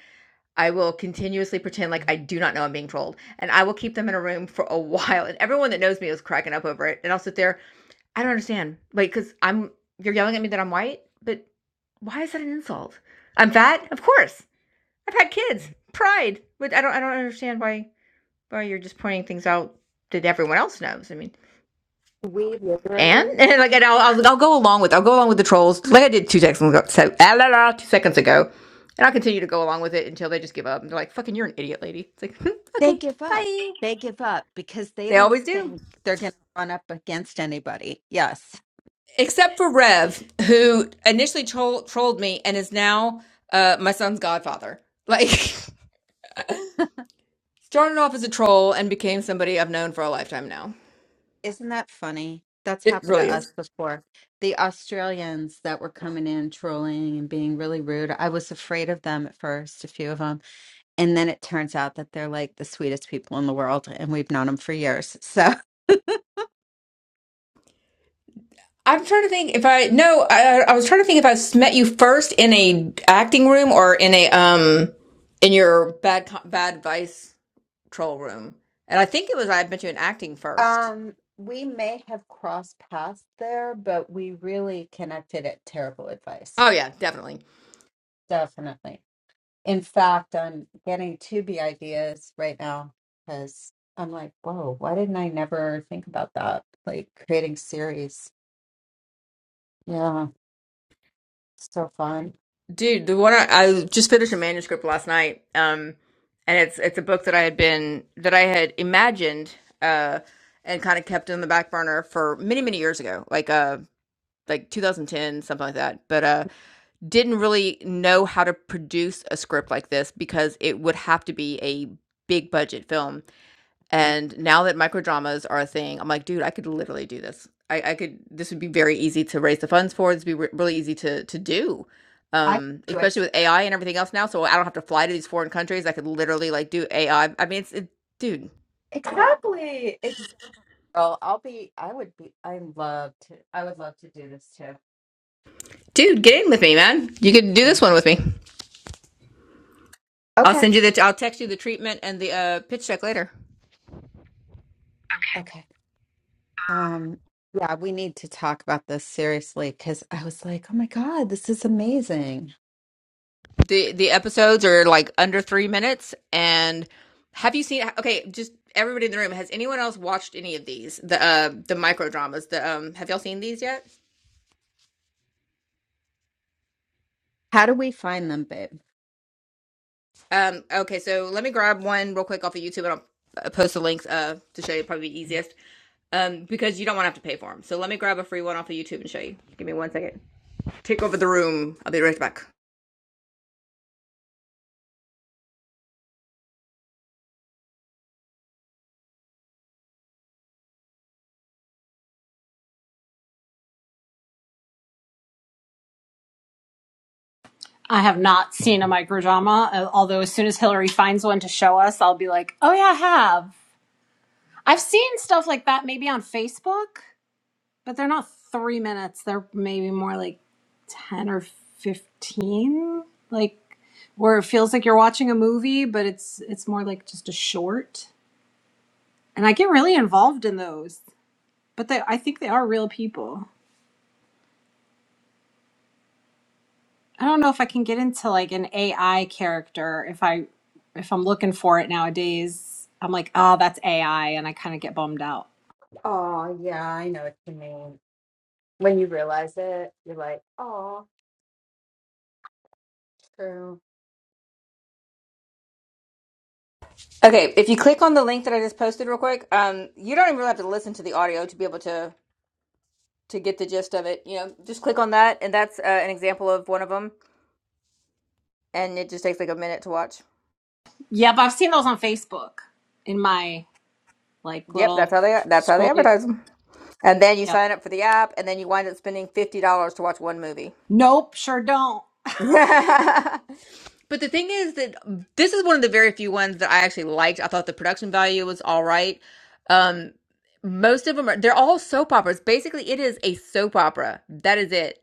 [SPEAKER 1] I will continuously pretend like I do not know I'm being trolled. And I will keep them in a room for a *laughs* while. And everyone that knows me is cracking up over it. And I'll sit there I don't understand. Like, because I'm you're yelling at me that I'm white, but why is that an insult? I'm fat, of course. I've had kids, pride, but I don't I don't understand why why you're just pointing things out that everyone else knows. I mean,
[SPEAKER 2] We
[SPEAKER 1] and, *laughs*
[SPEAKER 2] literally
[SPEAKER 1] and like and I'll, I'll I'll go along with I'll go along with the trolls like I did two seconds ago. So ah, la, la, two seconds ago. And I'll continue to go along with it until they just give up. And they're like, fucking, you're an idiot, lady. It's like, *laughs*
[SPEAKER 2] they
[SPEAKER 1] okay,
[SPEAKER 2] give up.
[SPEAKER 1] bye.
[SPEAKER 2] They give up because they
[SPEAKER 1] They
[SPEAKER 2] don't
[SPEAKER 1] always do.
[SPEAKER 2] think they're going to run up against anybody. Yes.
[SPEAKER 1] except for Rev,
[SPEAKER 2] With-
[SPEAKER 1] who initially troll- trolled me and is now uh, my son's godfather. Like, *laughs* started off as a troll and became somebody I've known for a lifetime now.
[SPEAKER 2] Isn't that funny? That's
[SPEAKER 1] It
[SPEAKER 2] happened
[SPEAKER 1] really
[SPEAKER 2] to us
[SPEAKER 1] is.
[SPEAKER 2] before. The Australians that were coming in trolling and being really rude. I was afraid of them at first, a few of them. And then it turns out that they're like the sweetest people in the world and we've known them for years. So *laughs*
[SPEAKER 1] I'm trying to think if I no, I, I was trying to think if I met you first in a acting room or in a um in your bad co- bad advice troll room, and I think it was I met you in acting first.
[SPEAKER 2] Um, we may have crossed paths there, but we really connected at terrible advice.
[SPEAKER 1] Oh yeah, definitely.
[SPEAKER 2] Definitely. In fact, I'm getting Tubi ideas right now because I'm like, whoa, why didn't I never think about that? Like creating series. Yeah, so fun.
[SPEAKER 1] Dude, the one I, I just finished a manuscript last night, um, and it's it's a book that I had been that I had imagined uh, and kind of kept in the back burner for many many years ago, like uh like 2010 something like that, but uh didn't really know how to produce a script like this because it would have to be a big budget film and now that microdramas are a thing, I'm like, dude, I could literally do this. I, I could. This would be very easy to raise the funds for. This would be re- really easy to to do,
[SPEAKER 2] I could
[SPEAKER 1] um,
[SPEAKER 2] do
[SPEAKER 1] especially
[SPEAKER 2] it.
[SPEAKER 1] with AI and everything else now. So I don't have to fly to these foreign countries. I could literally like do AI. I I mean, it's it, dude,
[SPEAKER 2] Exactly. Exactly. I'll be, I would be, I love to, I would love to do this too.
[SPEAKER 1] dude, get in with me, man. You could do this one with me. I'll
[SPEAKER 2] Okay.
[SPEAKER 1] send you the. I'll text you the treatment and the uh, pitch check later.
[SPEAKER 2] Okay. Um, yeah, we need to talk about this seriously because I was like, oh my God, this is amazing.
[SPEAKER 1] the the episodes are like under three minutes and have you seen okay just everybody in the room has anyone else watched any of these the uh the micro dramas the um have y'all seen these yet
[SPEAKER 2] How do we find them, babe?
[SPEAKER 1] um okay so let me grab one real quick off of youtube and i'll uh, post the links uh to show you probably the easiest um because you don't want to have to pay for them so let me grab a free one off of youtube and show you give me one second take over the room i'll be right back
[SPEAKER 5] I have not seen a microdrama, uh, although as soon as Hillary finds one to show us, I'll be like, oh yeah, I have. I've seen stuff like that maybe on Facebook. But they're not three minutes. They're maybe more like 10 or 15. Like where it feels like you're watching a movie, but it's it's more like just a short. And I get really involved in those. But they I think they are real people. I don't know if I can get into like an AI character if I if I'm looking for it nowadays. I'm like, "Oh, that's AI," and I kind of get bummed out.
[SPEAKER 2] Oh, yeah, I know what you mean. When you realize it, you're like, oh, true.
[SPEAKER 1] okay if you click on the link that i just posted real quick um you don't even really have to listen to the audio to be able to to get the gist of it. You know, just click on that, and that's uh, an example of one of them, and it just takes like a minute to watch.
[SPEAKER 5] Yeah, but I've seen those on Facebook in my like
[SPEAKER 1] Yep, that's
[SPEAKER 5] little
[SPEAKER 1] how they that's how they
[SPEAKER 5] scrolly.
[SPEAKER 1] advertise them. And then you
[SPEAKER 5] Yep.
[SPEAKER 1] sign up for the app, and then you wind up spending fifty dollars to watch one movie.
[SPEAKER 5] Nope, sure don't.
[SPEAKER 1] *laughs* but the thing is that this is one of the very few ones that I actually liked. I thought the production value was all right. Um, most of them are they're all soap operas. Basically, it is a soap opera. That is it.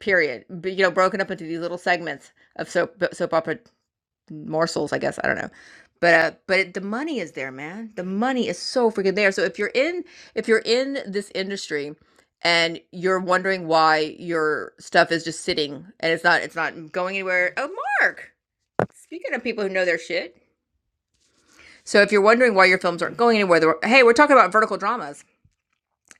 [SPEAKER 1] Period. But, you know, broken up into these little segments of soap soap opera morsels, I guess. I don't know. But uh, but it, the money is there, man. The money is so freaking there. So if you're in if you're in this industry and you're wondering why your stuff is just sitting and it's not it's not going anywhere. Oh, Mark. Speaking of people who know their shit. So if you're wondering why your films aren't going anywhere, they're- hey, we're talking about vertical dramas.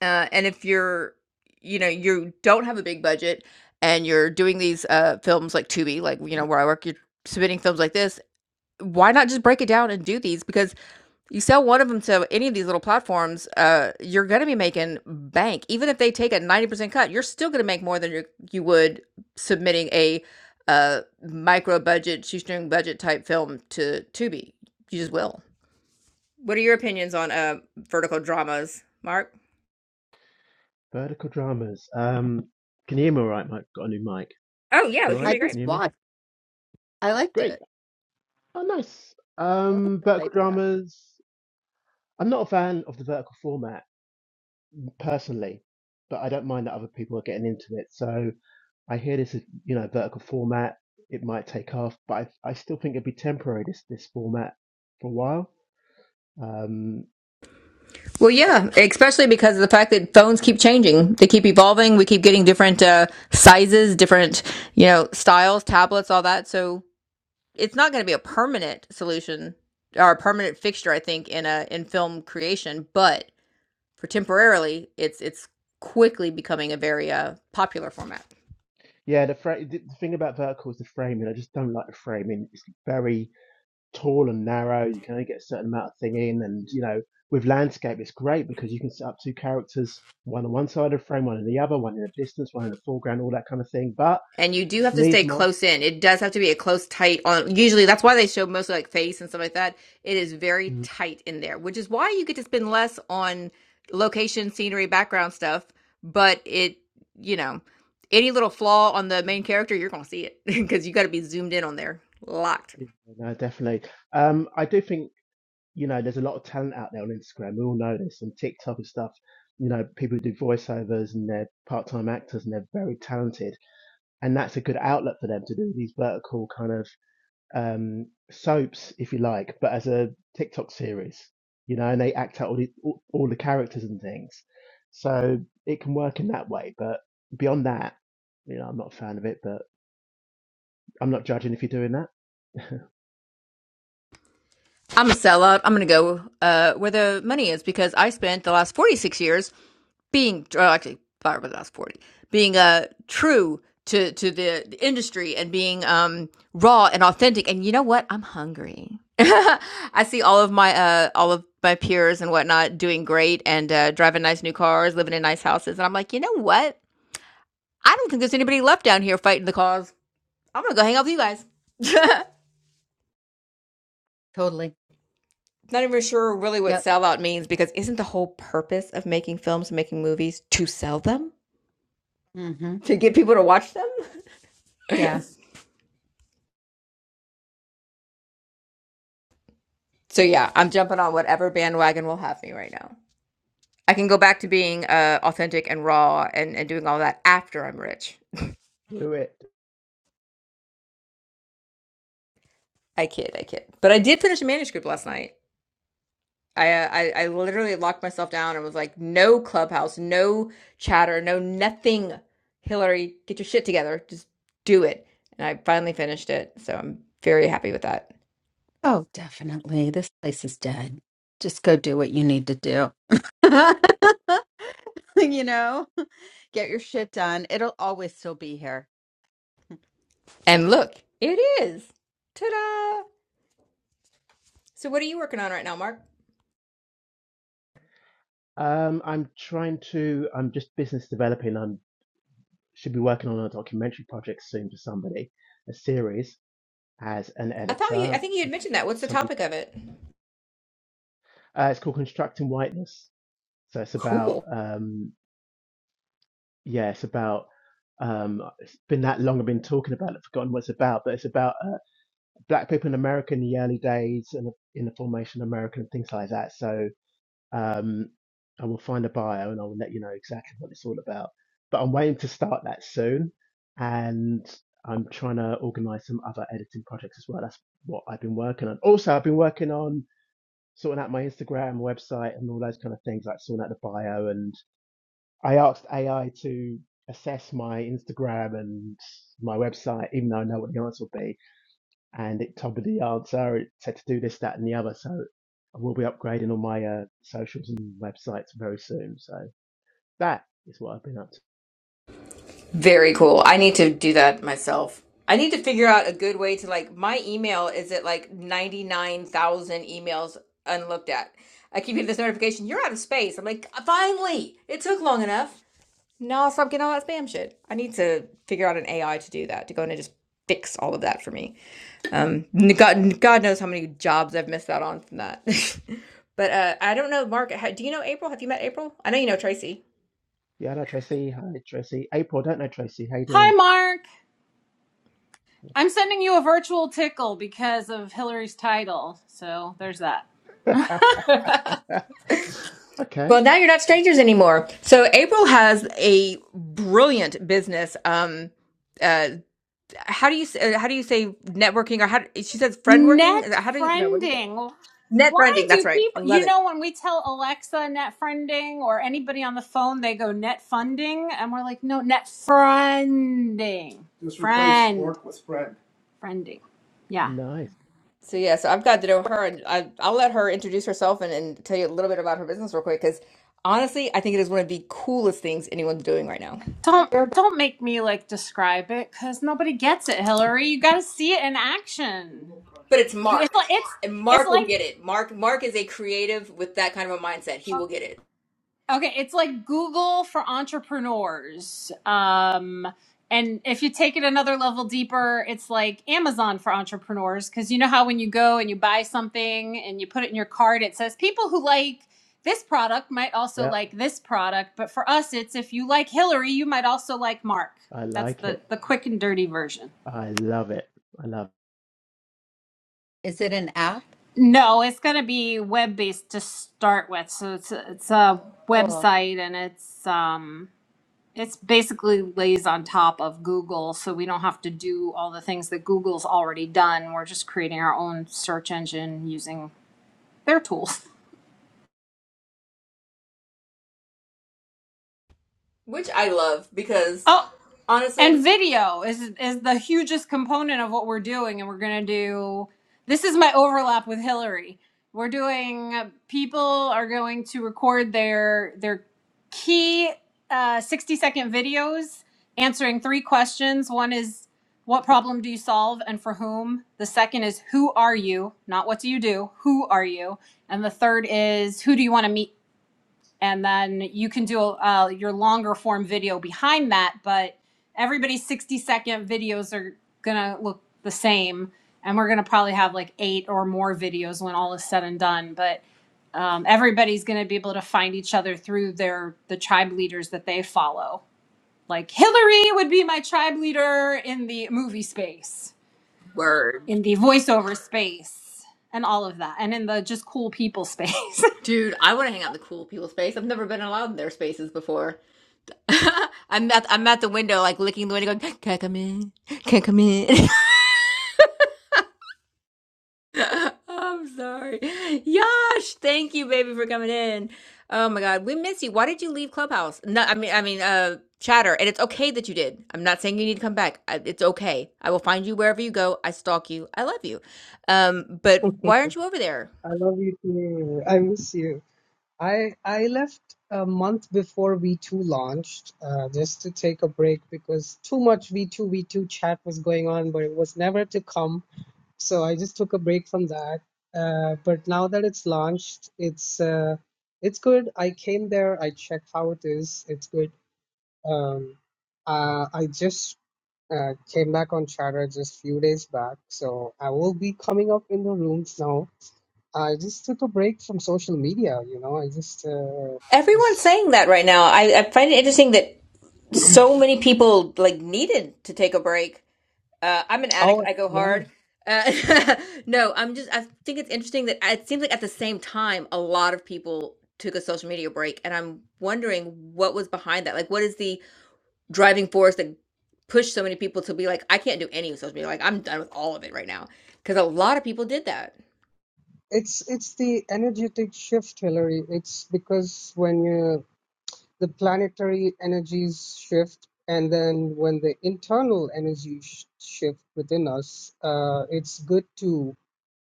[SPEAKER 1] Uh, and if you're you know, you don't have a big budget and you're doing these uh films like Tubi, like you know, where I work, you're submitting films like this, why not just break it down and do these because You sell one of them to any of these little platforms, uh, you're gonna be making bank. Even if they take a 90% cut, you're still gonna make more than you you would submitting a uh, micro budget, shoestring budget type film to Tubi. You just will. What are your opinions on uh, vertical dramas, Mark?
[SPEAKER 9] Vertical dramas. Um, can you hear me all right, Mike? Got a new mic.
[SPEAKER 1] Oh yeah,
[SPEAKER 9] Is it
[SPEAKER 1] we
[SPEAKER 9] all
[SPEAKER 1] can
[SPEAKER 9] right?
[SPEAKER 1] hear
[SPEAKER 2] I
[SPEAKER 1] you
[SPEAKER 9] Can
[SPEAKER 1] great.
[SPEAKER 2] just
[SPEAKER 9] you hear me?
[SPEAKER 2] watched. I liked
[SPEAKER 9] Great.
[SPEAKER 2] it.
[SPEAKER 9] Oh, nice.
[SPEAKER 2] I like
[SPEAKER 9] Um,
[SPEAKER 2] this
[SPEAKER 9] vertical
[SPEAKER 2] idea.
[SPEAKER 9] dramas. I'm not a fan of the vertical format personally, but I don't mind that other people are getting into it. So I hear this is, you know, vertical format. It might take off, but I, I still think it'd be temporary, this, this format, for a while. Um,
[SPEAKER 1] Well,
[SPEAKER 9] uh,
[SPEAKER 1] yeah, especially because of the fact that phones keep changing. They keep evolving. We keep getting different uh, sizes, different you know styles, tablets, all that. So It's not gonna be a permanent solution or a permanent fixture, I think, in a in film creation, but for temporarily, it's it's quickly becoming a very uh, popular format.
[SPEAKER 9] yeah, the, fra- the the thing about vertical is the framing. I just don't like the framing. It's very tall and narrow. You can only get a certain amount of thing in, and you know, with landscape, it's great because you can set up two characters, one on one side of the frame, one on the other, one in the distance, one in the foreground, all that kind of thing. But
[SPEAKER 1] And you do have to stay
[SPEAKER 9] Niesma,
[SPEAKER 1] close in. It does have to be a close tight on. Usually, that's why they show mostly like face and stuff like that. It is very
[SPEAKER 9] Mm.
[SPEAKER 1] tight in there, which is why you get to spend less on location, scenery, background stuff. But it, you know, any little flaw on the main character, you're gonna see it *laughs* because you got to be zoomed in on there, locked.
[SPEAKER 9] yeah, no, definitely. Um, I do think you know there's a lot of talent out there on Instagram. We all know this, and TikTok and stuff. You know, people who do voiceovers and they're part-time actors and they're very talented, and that's a good outlet for them to do these vertical kind of um, soaps, if you like, but as a TikTok series, you know, and they act out all the all, all the characters and things. So it can work in that way, but beyond that, you know, I'm not a fan of it, but I'm not judging if you're doing that.
[SPEAKER 1] I'm a sellout. I'm going to go uh, where the money is because I spent the last 46 years being, or actually, probably the last 40, being uh, true to, to the, the industry and being um, raw and authentic. And you know what? I'm hungry. *laughs* I see all of my uh, all of my peers and whatnot doing great and uh, driving nice new cars, living in nice houses, and I'm like, you know what? I don't think there's anybody left down here fighting the cause. I'm gonna go hang out with you guys.
[SPEAKER 2] Totally.
[SPEAKER 1] Not even sure really what
[SPEAKER 2] Yep.
[SPEAKER 1] sellout means because isn't the whole purpose of making films, making movies to sell them?
[SPEAKER 2] Mm-hmm.
[SPEAKER 1] To get people to watch them?
[SPEAKER 2] Yeah.
[SPEAKER 1] So yeah, I'm jumping on whatever bandwagon will have me right now. I can go back to being uh, authentic and raw and, and doing all that after I'm rich.
[SPEAKER 9] *laughs* Do it.
[SPEAKER 1] I kid, I kid. But I did finish a manuscript last night. I, uh, I I literally locked myself down and was like, no clubhouse, no chatter, no nothing. Hillary, get your shit together. Just do it. And I finally finished it. So I'm very happy with that.
[SPEAKER 2] Oh, definitely. This place is dead. Just go do what you need to do. *laughs* You know, get your shit done. It'll always still be here.
[SPEAKER 1] And look, it is. Ta-da! So what are you working on right now, Mark?
[SPEAKER 9] Um, I'm trying to. I'm just business developing. i should be working on a documentary project soon for somebody, a series as an
[SPEAKER 1] I thought you I
[SPEAKER 9] editor.
[SPEAKER 1] think you had
[SPEAKER 9] If
[SPEAKER 1] mentioned that. What's the
[SPEAKER 9] somebody,
[SPEAKER 1] topic of it?
[SPEAKER 9] uh, it's called Constructing Whiteness. So it's about
[SPEAKER 1] Cool.
[SPEAKER 9] um, yeah, it's about um, it's been that long I've been talking about it, I've forgotten what it's about, but it's about uh, black people in America in the early days and in the formation of America and things like that. So um, I will find a bio and I will let you know exactly what it's all about. But I'm waiting to start that soon, and I'm trying to organise some other editing projects as well. That's what I've been working on. Also, I've been working on sorting out my Instagram website and all those kind of things, like sorting out the bio and I asked AI to assess my Instagram and my website, even though I know what the answer will be, and it told me the answer. It said to do this, that, and the other. So I will be upgrading all my uh, socials and websites very soon. So that is what I've been up to.
[SPEAKER 1] Very cool. I need to do that myself. I need to figure out a good way to like my email is at like 99,000 emails unlooked at. I keep getting this notification, you're out of space. I'm like, finally, it took long enough. Now stop getting all that spam shit. I need to figure out an AI to do that, to go in and just fix all of that for me. Um, God, God knows how many jobs I've missed out on from that. *laughs* but uh, I don't know, Mark. ha do you know April? Have you met April? I know you know Tracy.
[SPEAKER 9] Yeah, hello Tracy. Hi Tracy. April, I don't know Tracy. How you
[SPEAKER 5] Hi,
[SPEAKER 9] doing?
[SPEAKER 5] Mark. I'm sending you a virtual tickle because of Hillary's title. So there's that.
[SPEAKER 9] *laughs* okay,
[SPEAKER 1] Well, now you're not strangers anymore. So April has a brilliant business. Um, uh, how do you s- uh, how do you say networking or how she says friend working? Is
[SPEAKER 5] Net
[SPEAKER 1] that, how do you? No, what is it?
[SPEAKER 5] friending.
[SPEAKER 1] Net
[SPEAKER 5] Why
[SPEAKER 1] friending. That's
[SPEAKER 5] do
[SPEAKER 1] right. I
[SPEAKER 5] people,
[SPEAKER 1] love
[SPEAKER 5] you
[SPEAKER 1] it.
[SPEAKER 5] know, when we tell Alexa net friending or anybody on the phone, they go net funding. And we're like, no, net friending. Just replace Friend. fork with friend. Friending. Yeah.
[SPEAKER 9] nice.
[SPEAKER 1] So yeah, so I've got to know her, and I, I'll let her introduce herself and, and tell you a little bit about her business real quick. Because honestly, I think it is one of the coolest things anyone's doing right now.
[SPEAKER 5] Don't don't make me like describe it because nobody gets it, Hillary. You got to see it in action.
[SPEAKER 1] But it's
[SPEAKER 5] It's
[SPEAKER 1] Mark.
[SPEAKER 5] like it's
[SPEAKER 1] And
[SPEAKER 5] it's
[SPEAKER 1] Mark will
[SPEAKER 5] like
[SPEAKER 1] get it. Mark Mark is a creative with that kind of a mindset. He
[SPEAKER 5] oh,
[SPEAKER 1] will get it.
[SPEAKER 5] Okay, it's like Google for entrepreneurs. Um, and if you take it another level deeper, it's like Amazon for entrepreneurs. Because you know how when you go and you buy something and you put it in your cart, it says people who like this product might also
[SPEAKER 9] Yep,
[SPEAKER 5] like this product. But for us, it's if you like Hillary, you might also like Mark.
[SPEAKER 9] I
[SPEAKER 5] That's
[SPEAKER 9] like
[SPEAKER 5] the,
[SPEAKER 9] it.
[SPEAKER 5] the quick and dirty version.
[SPEAKER 9] I love it. I love.
[SPEAKER 2] Is it an app?
[SPEAKER 5] No, it's going to be web based to start with. So it's a, it's a
[SPEAKER 2] Cool.
[SPEAKER 5] website and it's. Um, it's basically lays on top of Google, so we don't have to do all the things that Google's already done. We're just creating our own search engine using their tools.
[SPEAKER 1] Which I love because
[SPEAKER 5] Oh.
[SPEAKER 1] honestly,
[SPEAKER 5] and video is is the hugest component of what we're doing and we're going to do this is my overlap with Hillary. We're doing people are going to record their their key uh 60 second videos answering three questions. One is what problem do you solve and for whom? The second is who are you? Not what do you do? Who are you? And the third is who do you want to meet and then you can do uh, your longer form video behind that but everybody's 60 second videos are gonna look the same and we're gonna probably have like eight or more videos when all is said and done but um, everybody's gonna be able to find each other through their the tribe leaders that they follow like hillary would be my tribe leader in the movie space
[SPEAKER 1] word.
[SPEAKER 5] in the voiceover space and all of that and in the just cool people space
[SPEAKER 1] Dude, I want to hang out in the cool people space. I've never been allowed in their spaces before. *laughs* I'm at I'm at the window, like licking the window, going, "Can not come in? Can not come in?" *laughs* *laughs* I'm sorry. Yash, thank you, baby, for coming in. Oh my God, we miss you. Why did you leave Clubhouse? No, I mean, I mean, uh, Chatter, and it's okay that you did. I'm not saying you need to come back. I, it's okay. I will find you wherever you go. I stalk you. I love you. Um, but why aren't you over there?
[SPEAKER 10] I love you too. I miss you. I I left a month before V2 launched, uh, just to take a break because too much V2 V2 chat was going on, but it was never to come. So I just took a break from that. Uh, but now that it's launched, it's uh, it's good. I came there. I checked how it is. It's good. Um, uh, I just uh, came back on Chatter just few days back, so I will be coming up in the rooms now I just took a break from social media, you know. I just uh,
[SPEAKER 1] Everyone's
[SPEAKER 10] was
[SPEAKER 1] saying that right now. I, I find it interesting that so many people like needed to take a break Uh, I'm an addict.
[SPEAKER 10] oh
[SPEAKER 1] I go
[SPEAKER 10] yeah.
[SPEAKER 1] hard. Uh, *laughs* no, I'm just. I think it's interesting that it seems like at the same time, a lot of people took a social media break, and I'm wondering what was behind that. Like, what is the driving force that pushed so many people to be like, I can't do any of social media. Like, I'm done with all of it right now, because a lot of people did that.
[SPEAKER 10] It's it's the energetic shift, Hillary. It's because when you the planetary energies shift, and then when the internal energies sh- shift within us, uh, it's good to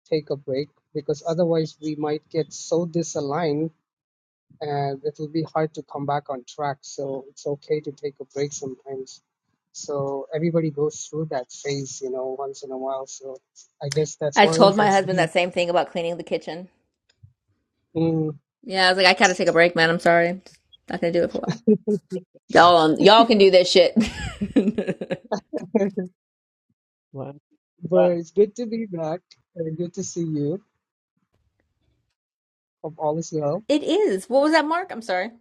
[SPEAKER 10] take a break because otherwise we might get so disaligned and it'll be hard to come back on track. So it's okay to take a break sometimes. So everybody goes through that phase, you know, once in a while. So I guess that's
[SPEAKER 1] I
[SPEAKER 10] what
[SPEAKER 1] told my
[SPEAKER 10] it's
[SPEAKER 1] husband
[SPEAKER 10] doing.
[SPEAKER 1] that same thing about cleaning the kitchen.
[SPEAKER 10] Mm.
[SPEAKER 1] Yeah, I was like, I gotta take a break, man. I'm sorry, not gonna do it for a while. Y'all, um, y'all can do this shit. *laughs* it
[SPEAKER 10] *laughs*
[SPEAKER 9] It.
[SPEAKER 10] But
[SPEAKER 9] Well,
[SPEAKER 10] it's good to be back and good to see you. Hope all is well.
[SPEAKER 1] is. What was that, Mark? I'm sorry.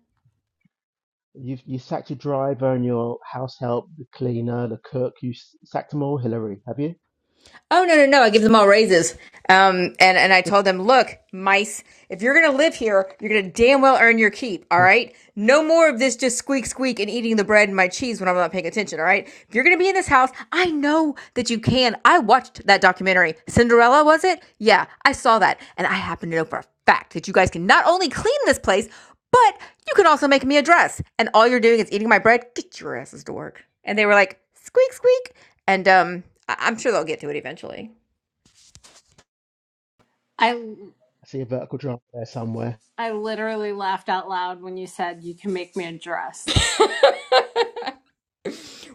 [SPEAKER 9] You you sacked your driver and your house help, the cleaner, the cook. You s- sacked them all, Hillary, have you?
[SPEAKER 1] Oh no, no, no! I give them all raises. Um, and and I told them, look, mice, if you're gonna live here, you're gonna damn well earn your keep.
[SPEAKER 9] *laughs*
[SPEAKER 1] All
[SPEAKER 9] I
[SPEAKER 1] right, no more of this just squeak squeak and eating the bread and my cheese when I'm not paying attention. All right, if you're gonna be in this house, I know that you can. I watched that documentary, Cinderella, was it? Yeah, I saw that, and I happen to know for a fact that you guys can not only clean this place, but you can also make me a dress. And all you're doing is eating my bread. Get your asses to work. And they were like squeak, squeak. And um, I- I'm sure they'll get to it eventually.
[SPEAKER 5] *laughs* i
[SPEAKER 9] see a vertical drama there somewhere.
[SPEAKER 5] I literally laughed out loud when you said you can make me a dress.
[SPEAKER 1] *laughs*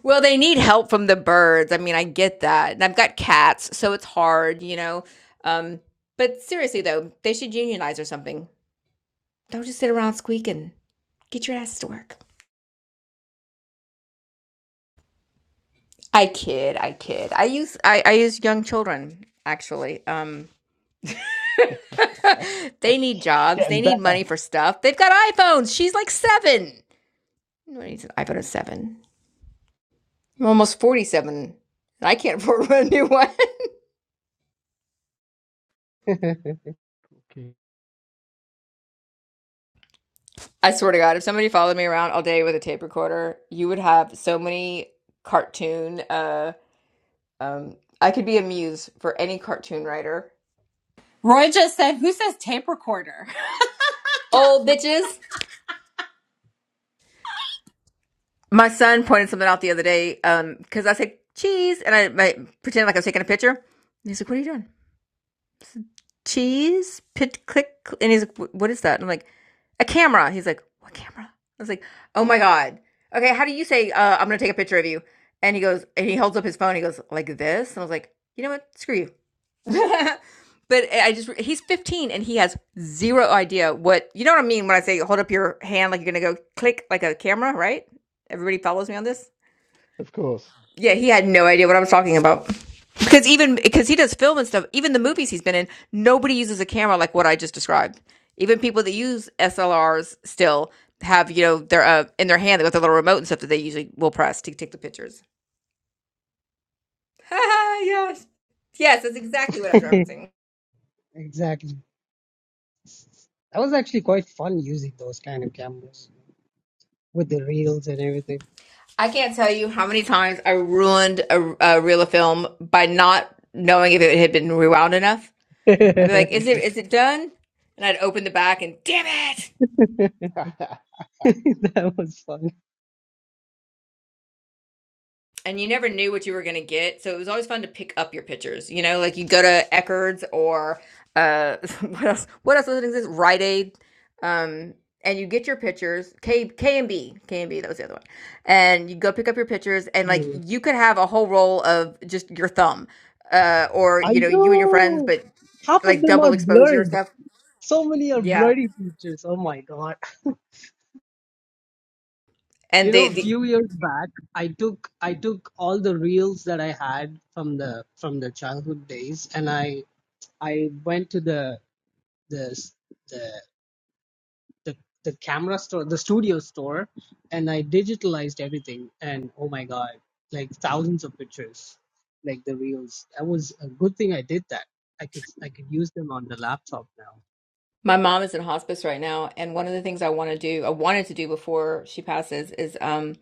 [SPEAKER 1] Well, they need help from the birds. I mean, I get that. And I've got cats, so it's hard, you know. Um, but seriously, though, they should unionize or something. Don't just sit around squeaking. Get your ass to work. I kid, I kid. I use I, I use young children actually. Um, *laughs* they need
[SPEAKER 9] It's
[SPEAKER 1] jobs. They
[SPEAKER 9] getting better,
[SPEAKER 1] need money for stuff. They've got iPhones. She's like seven. No one needs an iPhone at seven. I'm almost 47. and I can't *laughs* afford a new one. *laughs*
[SPEAKER 10] *laughs*
[SPEAKER 9] Okay.
[SPEAKER 1] I swear to God, if somebody followed me around all day with a tape recorder, you would have so many cartoon. Uh, um, I could be a muse for any cartoon writer.
[SPEAKER 5] Roy just said, Who says tape recorder?
[SPEAKER 1] Old bitches. My son pointed something out the other day Um, because I said cheese and I, I pretended like I was taking a picture. And He's like, "What are you doing?" cheese pit click and he's like what is that and i'm like a camera he's like what camera i was like oh my god okay how do you say uh, i'm gonna take a picture of you and he goes and he holds up his phone he goes like this and i was like you know what screw you *laughs* but I just he's 15 and he has zero idea what you know what i mean when i say hold up your hand like you're gonna go click like a camera right everybody follows me on this
[SPEAKER 9] of course.
[SPEAKER 1] yeah, he had no idea what I was talking about. Because even because he does film and stuff, even the movies he's been in, nobody uses a camera like what I just described. Even people that use SLRs still have you know their uh, in their hand with a little remote and stuff that they usually will press to take the pictures. *laughs* yes, yes, that's exactly what I was referencing.
[SPEAKER 10] exactly. That was actually quite fun using those kind of cameras with the reels and everything.
[SPEAKER 1] I can't tell you how many times I ruined a, a reel of film by not knowing if it had been rewound enough.
[SPEAKER 10] *laughs*
[SPEAKER 1] I'd be like, "Is it is it done?" And I'd open the back and damn it.
[SPEAKER 10] that
[SPEAKER 9] *laughs* it's,
[SPEAKER 10] was fun.
[SPEAKER 1] and you never knew what you were going to get. So it was always fun to pick up your pictures. You know, like you go to Eckerd's or uh, *laughs* what else? What else doesn't exist? Rite Aid, um, and you get your pictures. K K and B, K and B. That was the other one. And you go pick up your pictures, and like
[SPEAKER 10] Mm.
[SPEAKER 1] you could have a whole roll of just your thumb, uh, or
[SPEAKER 10] I
[SPEAKER 1] you know, you and your friends,
[SPEAKER 10] know.
[SPEAKER 1] but
[SPEAKER 10] Half of
[SPEAKER 1] like
[SPEAKER 10] them are
[SPEAKER 1] double exposure
[SPEAKER 10] blurred.
[SPEAKER 1] stuff.
[SPEAKER 10] So many are
[SPEAKER 1] Yeah.
[SPEAKER 10] bloody features. Oh my god.
[SPEAKER 1] And
[SPEAKER 10] You
[SPEAKER 1] the
[SPEAKER 10] know,
[SPEAKER 1] the
[SPEAKER 10] few years back, I took I took all the reels that I had from the from the childhood days, and I I went to the the the the, the camera store, the studio store, and I digitalized everything. And oh my god, like thousands of pictures, like the reels. That was a good thing I did that. I could I could use them on the laptop now.
[SPEAKER 1] My mom is in hospice right now, and one of the things I want to do, I wanted to do before she passes, is um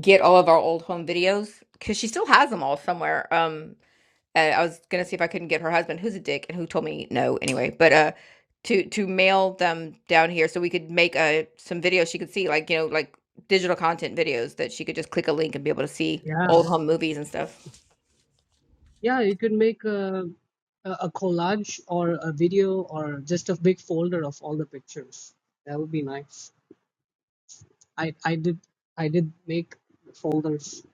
[SPEAKER 1] get all of our old home videos because she still has them all somewhere. Um, and I was gonna see if I couldn't get her husband, who's a dick and who told me no anyway, but uh, to to mail them down here so we could make uh some videos she could see, like you know, like digital content videos that she could just click a link and be able to see
[SPEAKER 10] Yeah.
[SPEAKER 1] old home movies and stuff.
[SPEAKER 10] Yeah, you could make a, a a collage or a video or just a big folder of all the pictures. That would be nice. I I did I did make folders.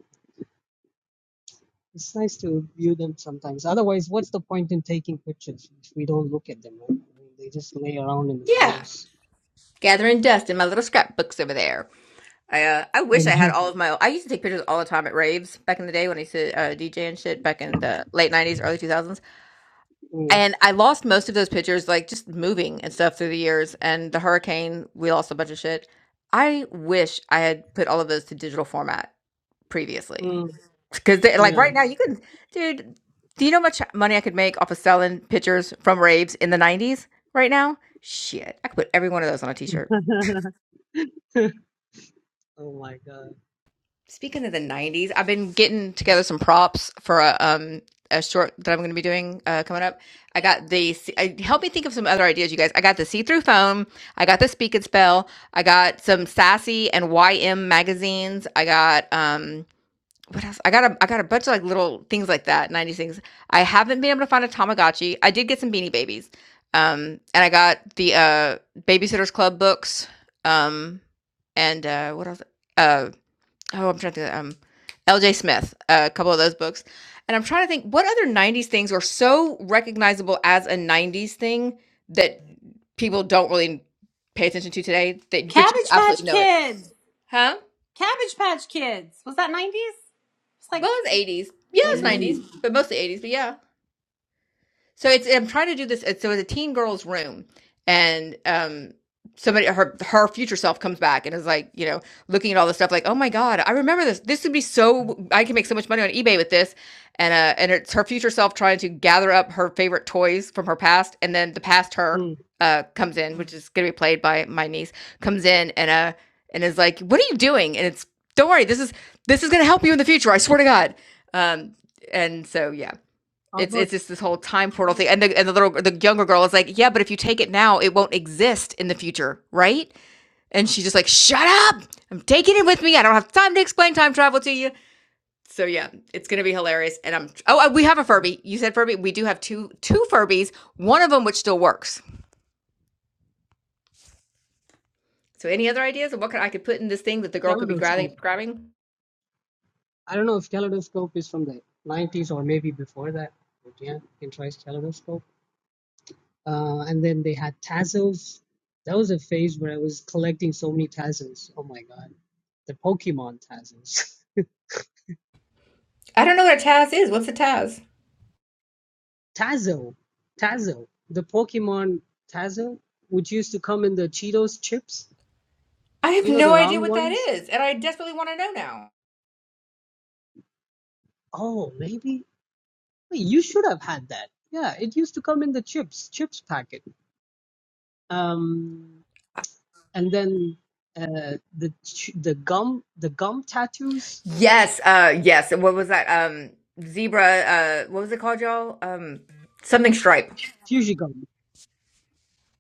[SPEAKER 10] It's nice to view them sometimes. Otherwise, what's the point in taking pictures if we don't look at them, right? I mean, they just lay around in the
[SPEAKER 1] Yeah,
[SPEAKER 10] phones.
[SPEAKER 1] gathering dust in my little scrapbooks over there. I uh, I wish I had all
[SPEAKER 10] Exactly.
[SPEAKER 1] of my. I used to take pictures all the time at raves back in the day when I used to uh, DJ and shit back in the late '90s, early 2000s.
[SPEAKER 10] Mm,
[SPEAKER 1] And I lost most of those pictures, like just moving and stuff through the years. And the hurricane, we lost a bunch of shit. I wish I had put all of those to digital format previously,
[SPEAKER 10] mm,
[SPEAKER 1] because like
[SPEAKER 10] yeah.
[SPEAKER 1] right now you can, dude. Do you know how much money I could make off of selling pictures from raves in the '90s? Right now, shit, I could put every one of those on a T-shirt.
[SPEAKER 10] *laughs* oh my God.
[SPEAKER 1] Speaking of the '90s, I've been getting together some props for a um a short that I'm going to be doing uh, coming up. I got the I, help me think of some other ideas, you guys. I got the see-through foam. I got the speak and spell. I got some sassy and YM magazines. I got um what else? I got a I got a bunch of like little things like that, '90s things. I haven't been able to find a Tamagotchi. I did get some Beanie Babies, um, and I got the uh Babysitters Club books, um, and uh, what else? Uh oh, I'm trying to think, um, L.J. Smith, uh, a couple of those books, and I'm trying to think what other '90s things are so recognizable as a '90s thing that people don't really pay attention to today.
[SPEAKER 5] *laughs*
[SPEAKER 1] That but you
[SPEAKER 5] Cabbage Patch
[SPEAKER 1] absolutely know it,
[SPEAKER 5] Kids!
[SPEAKER 1] huh?
[SPEAKER 5] Cabbage Patch Kids! Was that 90s? It's like,
[SPEAKER 1] Well, it's
[SPEAKER 5] wait,
[SPEAKER 1] '80s, yeah, it's '90s, but mostly '80s, but yeah. So it's I'm trying to do this. it's- So it's a teen girl's room, and um, somebody her her future self comes back and is like, you know, looking at all this stuff, like, oh my god, I remember this. This would be so I can make so much money on eBay with this, and uh, and it's her future self trying to gather up her favorite toys from her past, and then the past her
[SPEAKER 10] Mm.
[SPEAKER 1] uh comes in, which is gonna be played by my niece, comes in and uh and is like, what are you doing? And it's don't worry, this is this is gonna help you in the future. I swear to God. Um, and so yeah.
[SPEAKER 10] How
[SPEAKER 1] It's
[SPEAKER 10] about
[SPEAKER 1] it's just this whole time portal thing, and the and the little the younger girl is like, yeah, but if you take it now, it won't exist in the future, right? And she's just like, shut up! I'm taking it with me. I don't have time to explain time travel to you. So yeah, it's gonna be hilarious. And I'm oh, uh, we have a Furby. You said Furby. We do have two two Furbies. One of them which still works. So any other ideas of what could I could put in this thing that the girl could be
[SPEAKER 10] kaleidoscope?
[SPEAKER 1] grabbing? Grabbing?
[SPEAKER 10] I don't know if Kaleidoscope is from the 90s or maybe before that. But yeah, you can try Kaleidoscope. Uh, and then they had Tazos. That was a phase where I was collecting so many Tazos. Oh my god. The Pokemon Tazos.
[SPEAKER 1] I don't know what a Taz is. What's a Taz?
[SPEAKER 10] *laughs* Tazo! Tazo! The Pokemon Tazo, which used to come in the Cheetos chips.
[SPEAKER 1] I have
[SPEAKER 10] You know,
[SPEAKER 1] no
[SPEAKER 10] the
[SPEAKER 1] idea
[SPEAKER 10] round
[SPEAKER 1] what that
[SPEAKER 10] ones?
[SPEAKER 1] is, and I desperately want to know now.
[SPEAKER 10] Oh, maybe? Wait, you should have had that. Yeah, it used to come in the chips, chips packet. Um, and then uh, the ch- the gum the gum tattoos
[SPEAKER 1] Yes, uh yes. What was that? Um zebra uh what was it called y'all? Um something stripe.
[SPEAKER 10] fuchsia gum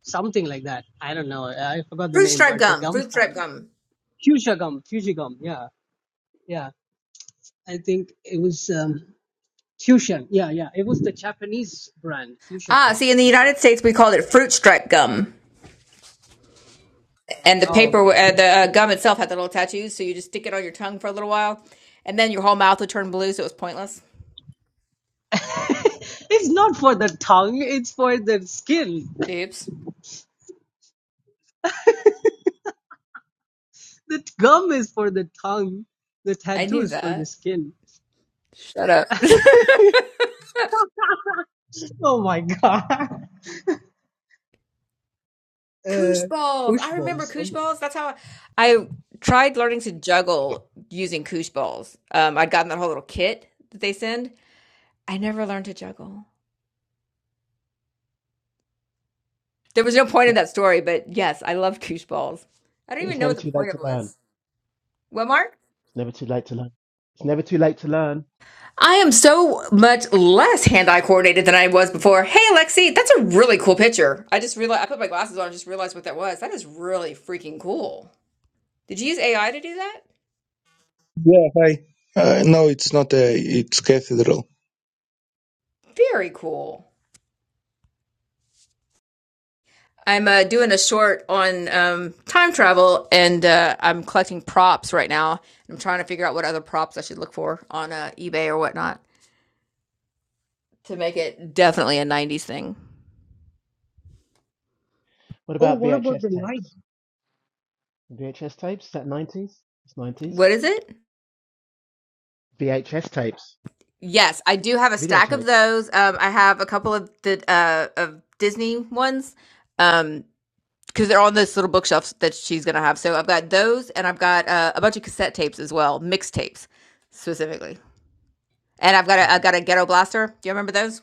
[SPEAKER 10] something like that i don't know i forgot the
[SPEAKER 1] Fruit
[SPEAKER 10] name
[SPEAKER 1] stripe
[SPEAKER 10] but the
[SPEAKER 1] gum,
[SPEAKER 10] gum
[SPEAKER 1] fruit stripe
[SPEAKER 10] tattoo
[SPEAKER 1] gum.
[SPEAKER 10] fuchsia gum fuchsia gum yeah yeah i think it was um fusion yeah yeah it was the japanese brand fuchsia
[SPEAKER 1] Ah,
[SPEAKER 10] gum
[SPEAKER 1] see in the
[SPEAKER 10] fusion
[SPEAKER 1] United States we called it fruit stripe gum. And the
[SPEAKER 10] oh
[SPEAKER 1] paper
[SPEAKER 10] okay
[SPEAKER 1] uh, the uh, gum itself had the little tattoos, so you just stick it on your tongue for a little while and then your whole mouth would turn blue so it was pointless.
[SPEAKER 10] *laughs* it's not for the tongue it's for the skin
[SPEAKER 1] Oops.
[SPEAKER 10] *laughs* the gum is for the tongue the
[SPEAKER 1] I
[SPEAKER 10] tattoo
[SPEAKER 1] knew
[SPEAKER 10] is for the
[SPEAKER 1] that.
[SPEAKER 10] skin
[SPEAKER 1] Shut up.
[SPEAKER 10] *laughs*
[SPEAKER 1] *laughs*
[SPEAKER 10] oh my god
[SPEAKER 1] Koosh
[SPEAKER 10] uh,
[SPEAKER 1] balls.
[SPEAKER 10] push
[SPEAKER 1] I remember
[SPEAKER 10] balls. Oh,
[SPEAKER 1] koosh
[SPEAKER 10] my.
[SPEAKER 1] balls. That's how I, I tried learning to juggle using koosh balls. Um, I'd gotten that whole little kit that they send. I never learned to juggle. There was no point in
[SPEAKER 9] never,
[SPEAKER 1] that story, but yes, I loved koosh balls. I don't even
[SPEAKER 9] it's
[SPEAKER 1] know
[SPEAKER 9] never
[SPEAKER 1] what the
[SPEAKER 9] too late
[SPEAKER 1] point of
[SPEAKER 9] to
[SPEAKER 1] it
[SPEAKER 9] learn.
[SPEAKER 1] was. What, Mark?
[SPEAKER 9] It's never too late to learn. It's never too late to learn.
[SPEAKER 1] I am so much less hand-eye coordinated than I was before. Hey, Alexi, that's a really cool picture. I just realized I put my glasses on and just realized what that was. That is really freaking cool. Did you use AI to do that?
[SPEAKER 11] Yeah, hi. Uh, no, it's not a. It's cathedral.
[SPEAKER 1] Very cool. I'm uh, doing a short on um, time travel, and uh, I'm collecting props right now. I'm trying to figure out what other props I should look for on uh, eBay or whatnot to make it definitely a '90s thing.
[SPEAKER 9] What
[SPEAKER 10] oh,
[SPEAKER 9] about
[SPEAKER 10] what about
[SPEAKER 9] VHS
[SPEAKER 10] the light?
[SPEAKER 9] tapes? VHS tapes? Is that 90s? It's 90s.
[SPEAKER 1] What is it?
[SPEAKER 9] VHS tapes.
[SPEAKER 1] Yes, I do have a stack of
[SPEAKER 9] Videotapes.
[SPEAKER 1] those. Um, I have a couple of the uh, of Disney ones because um, they're on this little bookshelf that she's gonna have. So I've got those, and I've got uh, a bunch of cassette tapes as well, mixtapes specifically. And I've got a
[SPEAKER 9] No.
[SPEAKER 1] I've got a Ghetto Blaster. Do you remember those?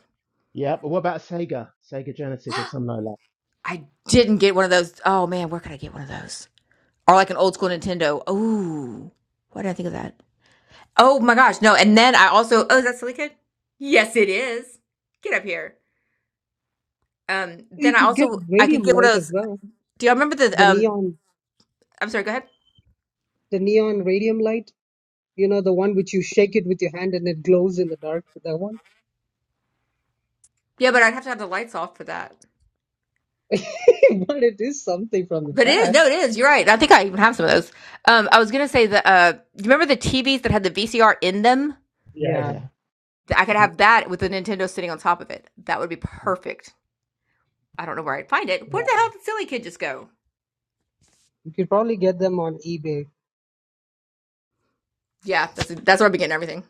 [SPEAKER 9] Yeah, but what about Sega? Sega Genesis or something like that?
[SPEAKER 1] I didn't get one of those. Oh man, where could I get one of those? Or like an old school Nintendo. Ooh, why did I think of that? Oh my gosh, no. And then I also. Oh, is that Silly Kid? Yes, it is. Get up here. Um.
[SPEAKER 10] Oh,
[SPEAKER 1] Then
[SPEAKER 10] You
[SPEAKER 1] I
[SPEAKER 10] could get
[SPEAKER 1] also I could
[SPEAKER 10] radium
[SPEAKER 1] get one of
[SPEAKER 10] light as
[SPEAKER 1] those.
[SPEAKER 10] well.
[SPEAKER 1] Do y'all remember the?
[SPEAKER 10] The
[SPEAKER 1] Um.
[SPEAKER 10] neon,
[SPEAKER 1] I'm sorry. Go ahead.
[SPEAKER 10] the neon radium light. You know, the one which you shake it with your hand and it glows in the dark. That one.
[SPEAKER 1] Yeah, but I'd have to have the lights off for that.
[SPEAKER 10] *laughs* but it is something from the
[SPEAKER 1] But it is no, it
[SPEAKER 10] past.
[SPEAKER 1] is. You're right. I think I even have some of those. Um, I was gonna say the. Uh, do you remember the TVs that had the VCR in them?
[SPEAKER 9] Yeah,
[SPEAKER 10] Yeah,
[SPEAKER 9] yeah.
[SPEAKER 1] I could
[SPEAKER 9] Mhm.
[SPEAKER 1] have that with the Nintendo sitting on top of it. That would be perfect. I don't know where I'd find it. Where
[SPEAKER 10] yeah.
[SPEAKER 1] the hell did Silly Kid just go?
[SPEAKER 10] You could probably get them on eBay.
[SPEAKER 1] Yeah, that's that's where I'm getting everything.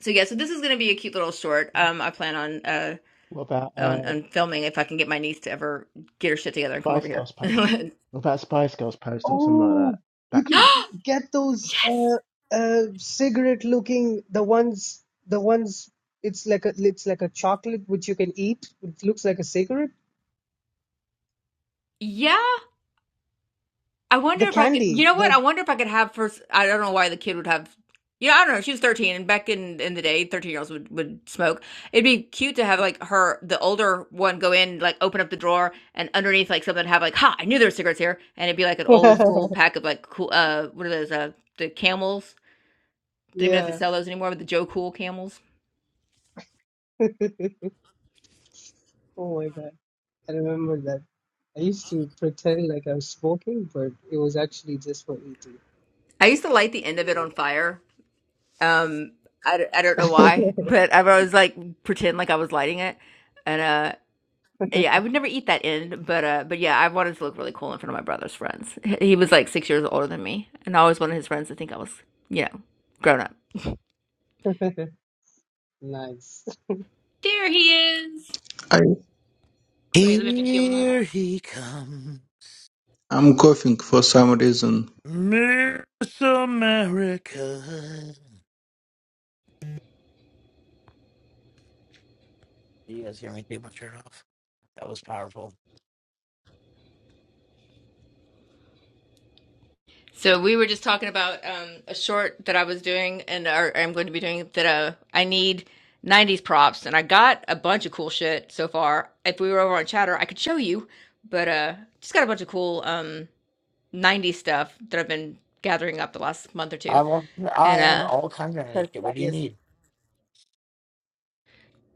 [SPEAKER 1] So yeah, so this is gonna be a cute little short. Um, I plan on uh
[SPEAKER 9] What about uh,
[SPEAKER 1] on, on filming if I can get my niece to ever get her shit together and come over
[SPEAKER 9] Spice
[SPEAKER 1] here.
[SPEAKER 9] Girls
[SPEAKER 1] *laughs* *gasps*
[SPEAKER 9] What about Spice Girls poster or something like that?
[SPEAKER 10] Oh, you
[SPEAKER 9] Backstreet
[SPEAKER 10] could get those
[SPEAKER 1] yes.
[SPEAKER 10] uh, uh, cigarette-looking the ones, the ones. It's like a, it's like a chocolate which you can eat. It looks like a cigarette.
[SPEAKER 1] Yeah. I wonder
[SPEAKER 10] The
[SPEAKER 1] if I could. You
[SPEAKER 10] candy,
[SPEAKER 1] know what?
[SPEAKER 10] the
[SPEAKER 1] I wonder if I could have first. I don't know why the kid would have. You know, I don't know. She was thirteen, and back in in the day, thirteen year olds would would smoke. It'd be cute to have like her, the older one, go in, like open up the drawer, and underneath like something have like, ha! I knew there were cigarettes here, and it'd be like an old
[SPEAKER 10] *laughs*
[SPEAKER 1] school pack of like cool. Uh, what are those? Uh, the camels. Don't even know if they
[SPEAKER 10] Yeah.
[SPEAKER 1] sell those anymore, but the Joe Cool camels.
[SPEAKER 10] *laughs* Oh my God. I remember that. I used to pretend like I was smoking, but it was actually just for
[SPEAKER 1] I used to light the end of it on fire. Um, I, d- I don't know
[SPEAKER 10] eating.
[SPEAKER 1] why, but I would always like pretend like I was lighting it, and uh. Yeah, I would never eat that in, but, uh, but yeah, I wanted to look really cool in front of my brother's friends. H- He was like six years older than me, and I always wanted his friends to think I was, you know, grown up.
[SPEAKER 10] *laughs* Nice.
[SPEAKER 1] There he is.
[SPEAKER 11] I
[SPEAKER 1] Wait, let me make you a mug.
[SPEAKER 12] Here he comes,
[SPEAKER 11] I'm coughing for some reason.
[SPEAKER 12] Miss America. You guys hear me take my shirt off? That was powerful.
[SPEAKER 1] So we were just talking about um, a short that I was doing and or I'm going to be doing that uh, I need 90s props and I got a bunch of cool shit so far. If we were over on Chatter, I could show you, but uh just got a bunch of cool um 90s stuff that I've been gathering up the last month or
[SPEAKER 12] I
[SPEAKER 1] two.
[SPEAKER 12] have, I
[SPEAKER 1] And
[SPEAKER 12] have
[SPEAKER 1] uh
[SPEAKER 12] all kinds of 90s shit.
[SPEAKER 1] Perfect
[SPEAKER 12] What do you
[SPEAKER 1] ideas.
[SPEAKER 12] need?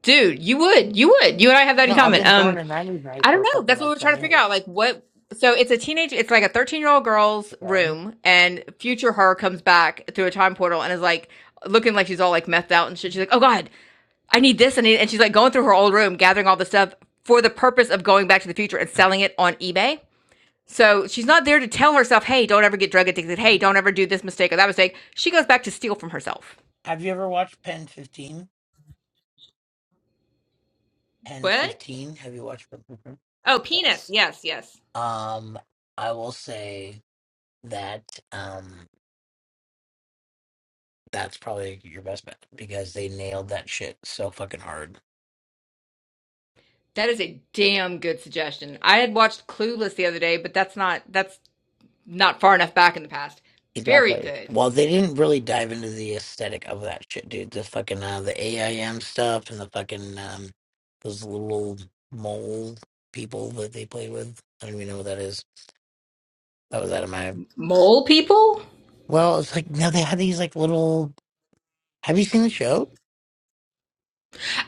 [SPEAKER 1] Dude, you would, you would, you and I have that in
[SPEAKER 12] No, I've
[SPEAKER 1] common.
[SPEAKER 12] been throwing
[SPEAKER 1] Um,
[SPEAKER 12] a 90s night
[SPEAKER 1] I don't
[SPEAKER 12] for
[SPEAKER 1] know.
[SPEAKER 12] fucking
[SPEAKER 1] That's what
[SPEAKER 12] like
[SPEAKER 1] we're trying
[SPEAKER 12] 10
[SPEAKER 1] to figure
[SPEAKER 12] years.
[SPEAKER 1] out. Like, what? So it's a teenage, it's like a 13 year old girl's
[SPEAKER 12] Okay.
[SPEAKER 1] room, and future her comes back through a time portal and is like looking like she's all like methed out and shit. She's like, oh God, I need this. I need, and she's like going through her old room, gathering all the stuff for the purpose of going back to the future and selling it on eBay. So she's not there to tell herself, hey, don't ever get drug addicted. Hey, don't ever do this mistake or that mistake. She goes back to steal from herself.
[SPEAKER 12] Have you ever watched Pen 15? Pen
[SPEAKER 1] What?
[SPEAKER 12] 15? Have you watched Pen 15?
[SPEAKER 1] Oh, penis.
[SPEAKER 12] Yes.
[SPEAKER 1] Yes, yes.
[SPEAKER 12] Um, I will say that um, that's probably your best bet because they nailed that shit so fucking hard.
[SPEAKER 1] That is a damn good suggestion. I had watched Clueless the other day, but that's not that's not far enough back in the past. Very
[SPEAKER 12] Exactly.
[SPEAKER 1] good.
[SPEAKER 12] Well, they didn't really dive into the aesthetic of that shit, dude. The fucking uh, the AIM stuff and the fucking um, those little mole people that they play with. I don't even know what that is. That was out of my.
[SPEAKER 1] Mole people?
[SPEAKER 12] Well, it's like now they had these like little. Have you seen the show?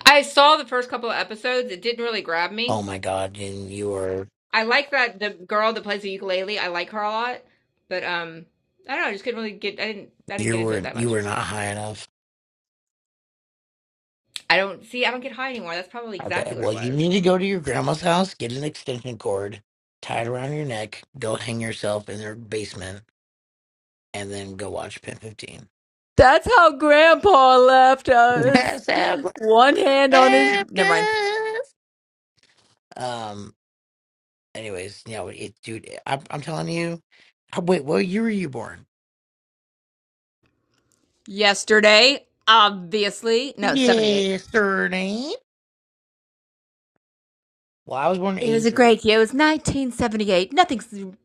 [SPEAKER 1] I saw the first couple of episodes. It didn't really grab
[SPEAKER 12] Oh
[SPEAKER 1] me.
[SPEAKER 12] my god! And you were
[SPEAKER 1] I like that the girl that plays the ukulele. I like her a lot, but um, I don't know. I just couldn't really get. I didn't. I didn't
[SPEAKER 12] you
[SPEAKER 1] get into it
[SPEAKER 12] were
[SPEAKER 1] that
[SPEAKER 12] you
[SPEAKER 1] much.
[SPEAKER 12] were not high enough.
[SPEAKER 1] I don't see. I don't get high anymore. That's probably
[SPEAKER 12] Okay,
[SPEAKER 1] exactly what it
[SPEAKER 12] well you
[SPEAKER 1] was.
[SPEAKER 12] need to go to your grandma's house, get an extension cord, tie it around your neck, go hang yourself in their basement, and then go watch Pin Fifteen.
[SPEAKER 1] That's how Grandpa left us.
[SPEAKER 12] That's how God
[SPEAKER 1] One hand on his.
[SPEAKER 12] left
[SPEAKER 1] Never mind.
[SPEAKER 12] us. Um. Anyways, you know, it, dude. eh, I'm, I'm telling you. I- Wait, what year were you born?
[SPEAKER 1] Yesterday, obviously. No, 78.
[SPEAKER 12] Yesterday. Well, I was born in
[SPEAKER 1] It was a
[SPEAKER 12] '83,
[SPEAKER 1] great year. It was 1978. Nothing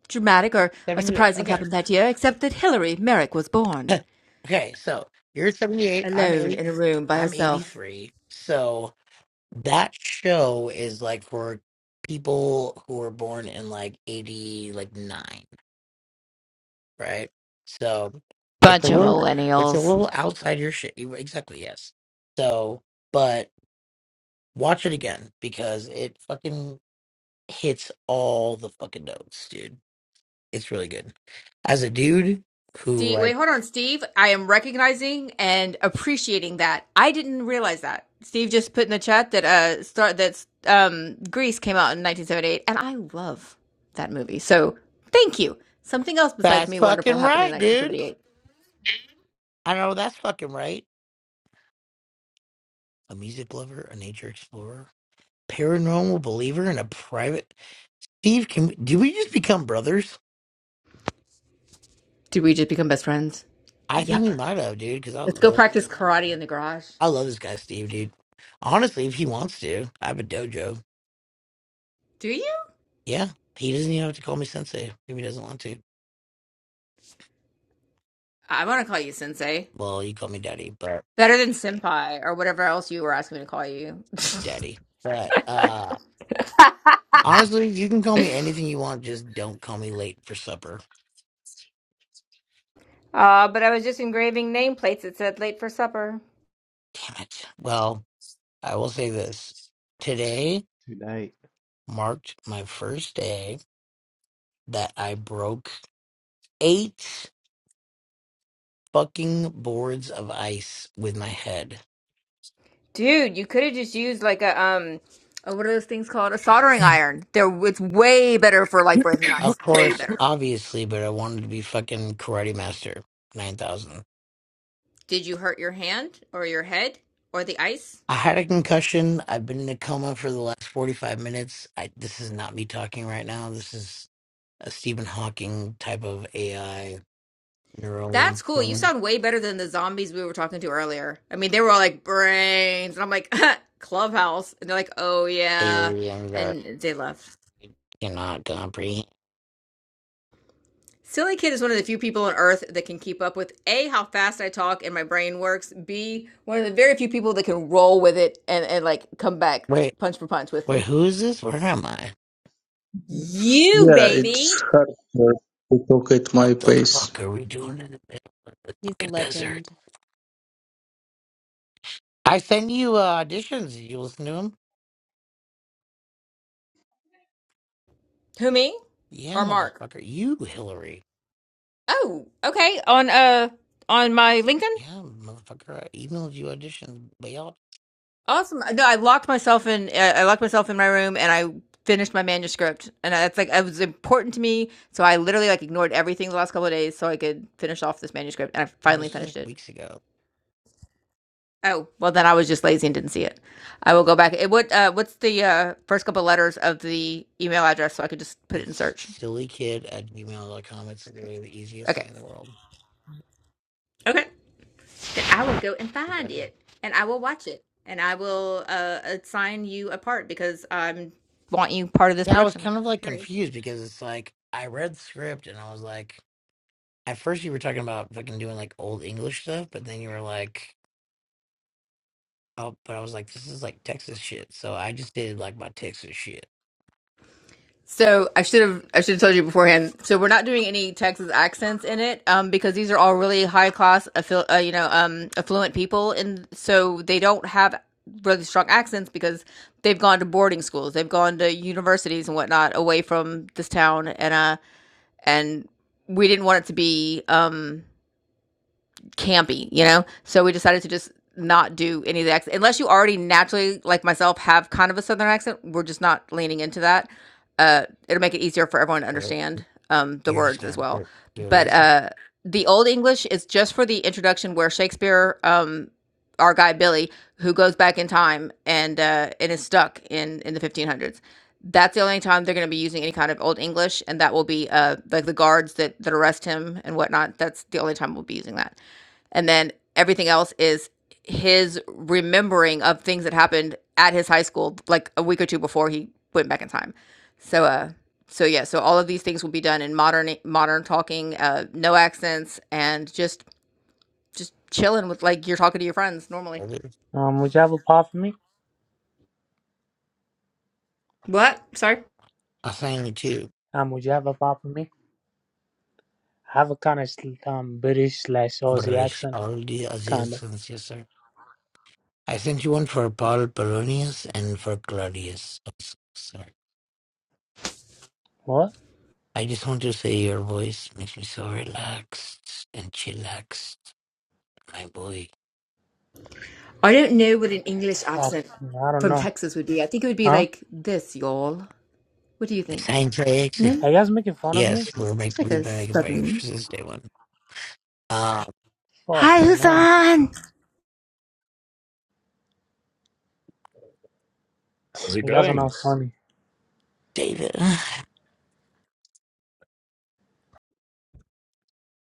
[SPEAKER 1] dramatic or, or
[SPEAKER 12] '78.
[SPEAKER 1] surprising
[SPEAKER 12] Okay.
[SPEAKER 1] happened that year, except that Hillary Merrick was born
[SPEAKER 12] Okay. So you're '78. I'm
[SPEAKER 1] alone
[SPEAKER 12] eighty.
[SPEAKER 1] in a room by
[SPEAKER 12] i I'm
[SPEAKER 1] herself.
[SPEAKER 12] '83. So that show is like for people who were born in like '80, like nine. right? So it's a
[SPEAKER 1] Bunch of
[SPEAKER 12] little it's a
[SPEAKER 1] millennials.
[SPEAKER 12] little outside your shit. You- Exactly, yes. So, but watch it again because it fucking hits all the fucking notes, dude. It's really good. As a dude who
[SPEAKER 1] Steve,
[SPEAKER 12] like
[SPEAKER 1] wait, hold on, Steve. I am recognizing and appreciating that. I didn't realize that. Steve just put in the chat that uh start that um Greece came out in 1978, and I love that movie. So thank you. Something else besides
[SPEAKER 12] that's
[SPEAKER 1] me wonderful
[SPEAKER 12] fucking
[SPEAKER 1] happened in
[SPEAKER 12] right, dude.
[SPEAKER 1] 1978.
[SPEAKER 12] I know that's fucking right. A music lover, a nature explorer, paranormal believer, and a private Steve. Can we, do we just become brothers?
[SPEAKER 1] Did we just become best friends?
[SPEAKER 12] I think
[SPEAKER 1] Yep.
[SPEAKER 12] we might have, dude. Because
[SPEAKER 1] Let's go
[SPEAKER 12] I,
[SPEAKER 1] practice karate in the garage.
[SPEAKER 12] I love this guy, Steve, dude. Honestly, if he wants to, I have a dojo.
[SPEAKER 1] Do you?
[SPEAKER 12] Yeah, he doesn't even have to call me sensei if he doesn't want to.
[SPEAKER 1] I want to call you sensei.
[SPEAKER 12] Well, you call me daddy, but
[SPEAKER 1] Better than senpai or whatever else you were asking me to call you. *laughs*
[SPEAKER 12] daddy. But uh, honestly, you can call me anything you want. Just don't call me late for supper.
[SPEAKER 1] Uh, but I was just engraving nameplates that said late for supper.
[SPEAKER 12] Damn it. Well, I will say this. Today
[SPEAKER 9] too late.
[SPEAKER 12] marked my first day that I broke eight fucking boards of ice with my head.
[SPEAKER 1] Dude, you could have just used like a um oh, what are those things called? A soldering iron. They're, it's way better for like breaking
[SPEAKER 12] Of
[SPEAKER 1] ice. Way
[SPEAKER 12] course,
[SPEAKER 1] better.
[SPEAKER 12] obviously, but I wanted to be fucking Karate Master 9000.
[SPEAKER 1] Did you hurt your hand or your head or the ice?
[SPEAKER 12] I had a concussion. I've been in a coma for the last 45 minutes. I, this is not me talking right now. This is a Stephen Hawking type of AI neural
[SPEAKER 1] That's cool. You
[SPEAKER 12] thing.
[SPEAKER 1] sound way better than the zombies we were talking to earlier. I mean, they were all like brains, and I'm like *laughs* clubhouse, and they're like, oh yeah,
[SPEAKER 12] Alien that
[SPEAKER 1] and they left.
[SPEAKER 12] you cannot comprehend.
[SPEAKER 1] Silly Kid is one of the few people on Earth that can keep up with a how fast I talk and my brain works. B one of the very few people that can roll with it and and like come back
[SPEAKER 12] Wait,
[SPEAKER 1] punch for punch with
[SPEAKER 12] wait,
[SPEAKER 1] me.
[SPEAKER 12] who is this? Where am I?
[SPEAKER 1] You
[SPEAKER 11] Yeah,
[SPEAKER 1] baby,
[SPEAKER 11] it's hard uh, to talk at
[SPEAKER 12] What
[SPEAKER 11] my
[SPEAKER 12] the
[SPEAKER 11] pace.
[SPEAKER 12] fuck are we doing in the middle of the
[SPEAKER 2] He's a
[SPEAKER 12] fucking desert?
[SPEAKER 2] legend.
[SPEAKER 12] I send you uh, auditions. You listen to them?
[SPEAKER 1] who me
[SPEAKER 12] Yeah,
[SPEAKER 1] or Mark?
[SPEAKER 12] motherfucker. You, Hillary.
[SPEAKER 1] Oh, okay. On uh on my LinkedIn.
[SPEAKER 12] Yeah, motherfucker, I emailed you auditions, but y'all,
[SPEAKER 1] Awesome. No, I locked myself in. I I locked myself in my room, and I finished my manuscript. And I- it's like it was important to me, so I literally like ignored everything the last couple of days so I could finish off this manuscript. And I
[SPEAKER 12] well,
[SPEAKER 1] finally
[SPEAKER 12] this was
[SPEAKER 1] finished
[SPEAKER 12] like
[SPEAKER 1] it.
[SPEAKER 12] weeks ago.
[SPEAKER 1] Oh, well, then I was just lazy and didn't see it. I will go back. It, what uh, What's the uh, first couple of letters of the email address so I could just put it in
[SPEAKER 12] It's
[SPEAKER 1] search?
[SPEAKER 12] sillykid at gmail dot com. It's literally the easiest
[SPEAKER 1] Okay.
[SPEAKER 12] thing in the world.
[SPEAKER 1] Okay. Then I will go and find it, and I will watch it, and I will uh, assign you a part because I want you part of this
[SPEAKER 12] Yeah, I was
[SPEAKER 1] production.
[SPEAKER 12] kind of like
[SPEAKER 1] Period.
[SPEAKER 12] confused because it's like I read the script and I was like, at first you were talking about fucking doing like old English stuff, but then you were like, oh, but I was like, this is like Texas shit. So I just did like my Texas shit.
[SPEAKER 1] So I should have I should have told you beforehand. So we're not doing any Texas accents in it, um, because these are all really high class, affil- uh, you know, um, affluent people, and so they don't have really strong accents because they've gone to boarding schools, they've gone to universities and whatnot away from this town, and uh, and we didn't want it to be um campy, you know? So we decided to just not do any of the accent. Unless you already naturally, like myself, have kind of a southern accent, we're just not leaning into that. Uh, it'll make it easier for everyone to
[SPEAKER 12] Right.
[SPEAKER 1] understand um, the
[SPEAKER 12] You're just
[SPEAKER 1] words as
[SPEAKER 12] gonna
[SPEAKER 1] well.
[SPEAKER 12] do it,
[SPEAKER 1] But
[SPEAKER 12] listen.
[SPEAKER 1] uh, the Old English is just for the introduction where Shakespeare, um, our guy Billy, who goes back in time and uh, and is stuck in in the 1500s. That's the only time they're going to be using any kind of Old English, and that will be uh, like the guards that that arrest him and whatnot. That's the only time we'll be using that and then everything else is his remembering of things that happened at his high school like a week or two before he went back in time so uh so yeah so all of these things will be done in modern modern talking uh no accents and just just chilling with like you're talking to your friends normally
[SPEAKER 13] Um, would you have a part for me?
[SPEAKER 1] What? Sorry.
[SPEAKER 12] I sang it too.
[SPEAKER 13] Um, would you have a part for me? I have a kind of um British slash
[SPEAKER 12] But
[SPEAKER 13] Aussie
[SPEAKER 12] it's
[SPEAKER 13] accent,
[SPEAKER 12] all the as
[SPEAKER 13] kind of.
[SPEAKER 12] is, yes, sir. I sent you one for Paul Polonius and for Claudius. Also. Sorry.
[SPEAKER 13] What?
[SPEAKER 12] I just want to say your voice makes me so relaxed and chillaxed, my boy.
[SPEAKER 1] i don't know what an english
[SPEAKER 13] Fuck,
[SPEAKER 1] accent
[SPEAKER 13] I don't
[SPEAKER 1] from
[SPEAKER 13] know.
[SPEAKER 1] texas would be i think it would be
[SPEAKER 13] Huh?
[SPEAKER 1] like this y'all what do you think
[SPEAKER 12] Thanks for asking.
[SPEAKER 1] no
[SPEAKER 13] Are you guys making fun of me?
[SPEAKER 12] Yes, we're meant to
[SPEAKER 1] like
[SPEAKER 12] be
[SPEAKER 1] a
[SPEAKER 12] back by your
[SPEAKER 1] southern
[SPEAKER 12] Tuesday one. Um,
[SPEAKER 13] Fuck,
[SPEAKER 1] hi
[SPEAKER 13] you
[SPEAKER 1] who's
[SPEAKER 13] know,
[SPEAKER 1] on
[SPEAKER 14] How's it
[SPEAKER 13] you guys are
[SPEAKER 14] going?
[SPEAKER 13] not funny.
[SPEAKER 12] David,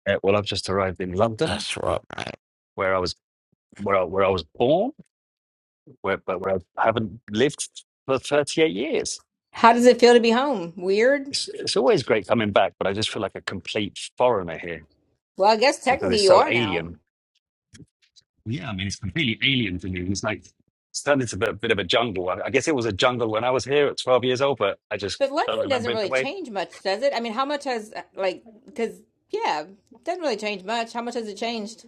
[SPEAKER 14] Uh, well, I've just arrived in
[SPEAKER 12] *sighs*
[SPEAKER 14] London,
[SPEAKER 12] that's right.
[SPEAKER 14] where I was where I, where I was born, where, but where I haven't lived for 38 years.
[SPEAKER 1] How does it feel to be home? Weird?
[SPEAKER 14] It's, it's always great coming back, but I just feel like a complete foreigner here
[SPEAKER 1] Well, I guess
[SPEAKER 14] because
[SPEAKER 1] technically
[SPEAKER 14] it's
[SPEAKER 1] you
[SPEAKER 14] so
[SPEAKER 1] are now.
[SPEAKER 14] alien. Yeah, I mean, it's completely alien to me. It's like it's turned into a bit, bit of a jungle. I, I guess it was a jungle when I was here at 12 years old, but I just
[SPEAKER 1] But
[SPEAKER 14] don't
[SPEAKER 1] London doesn't
[SPEAKER 14] remember it that
[SPEAKER 1] really
[SPEAKER 14] way.
[SPEAKER 1] change much, does it? I mean, how much has, like, because, yeah, it doesn't really change much. How much has it changed?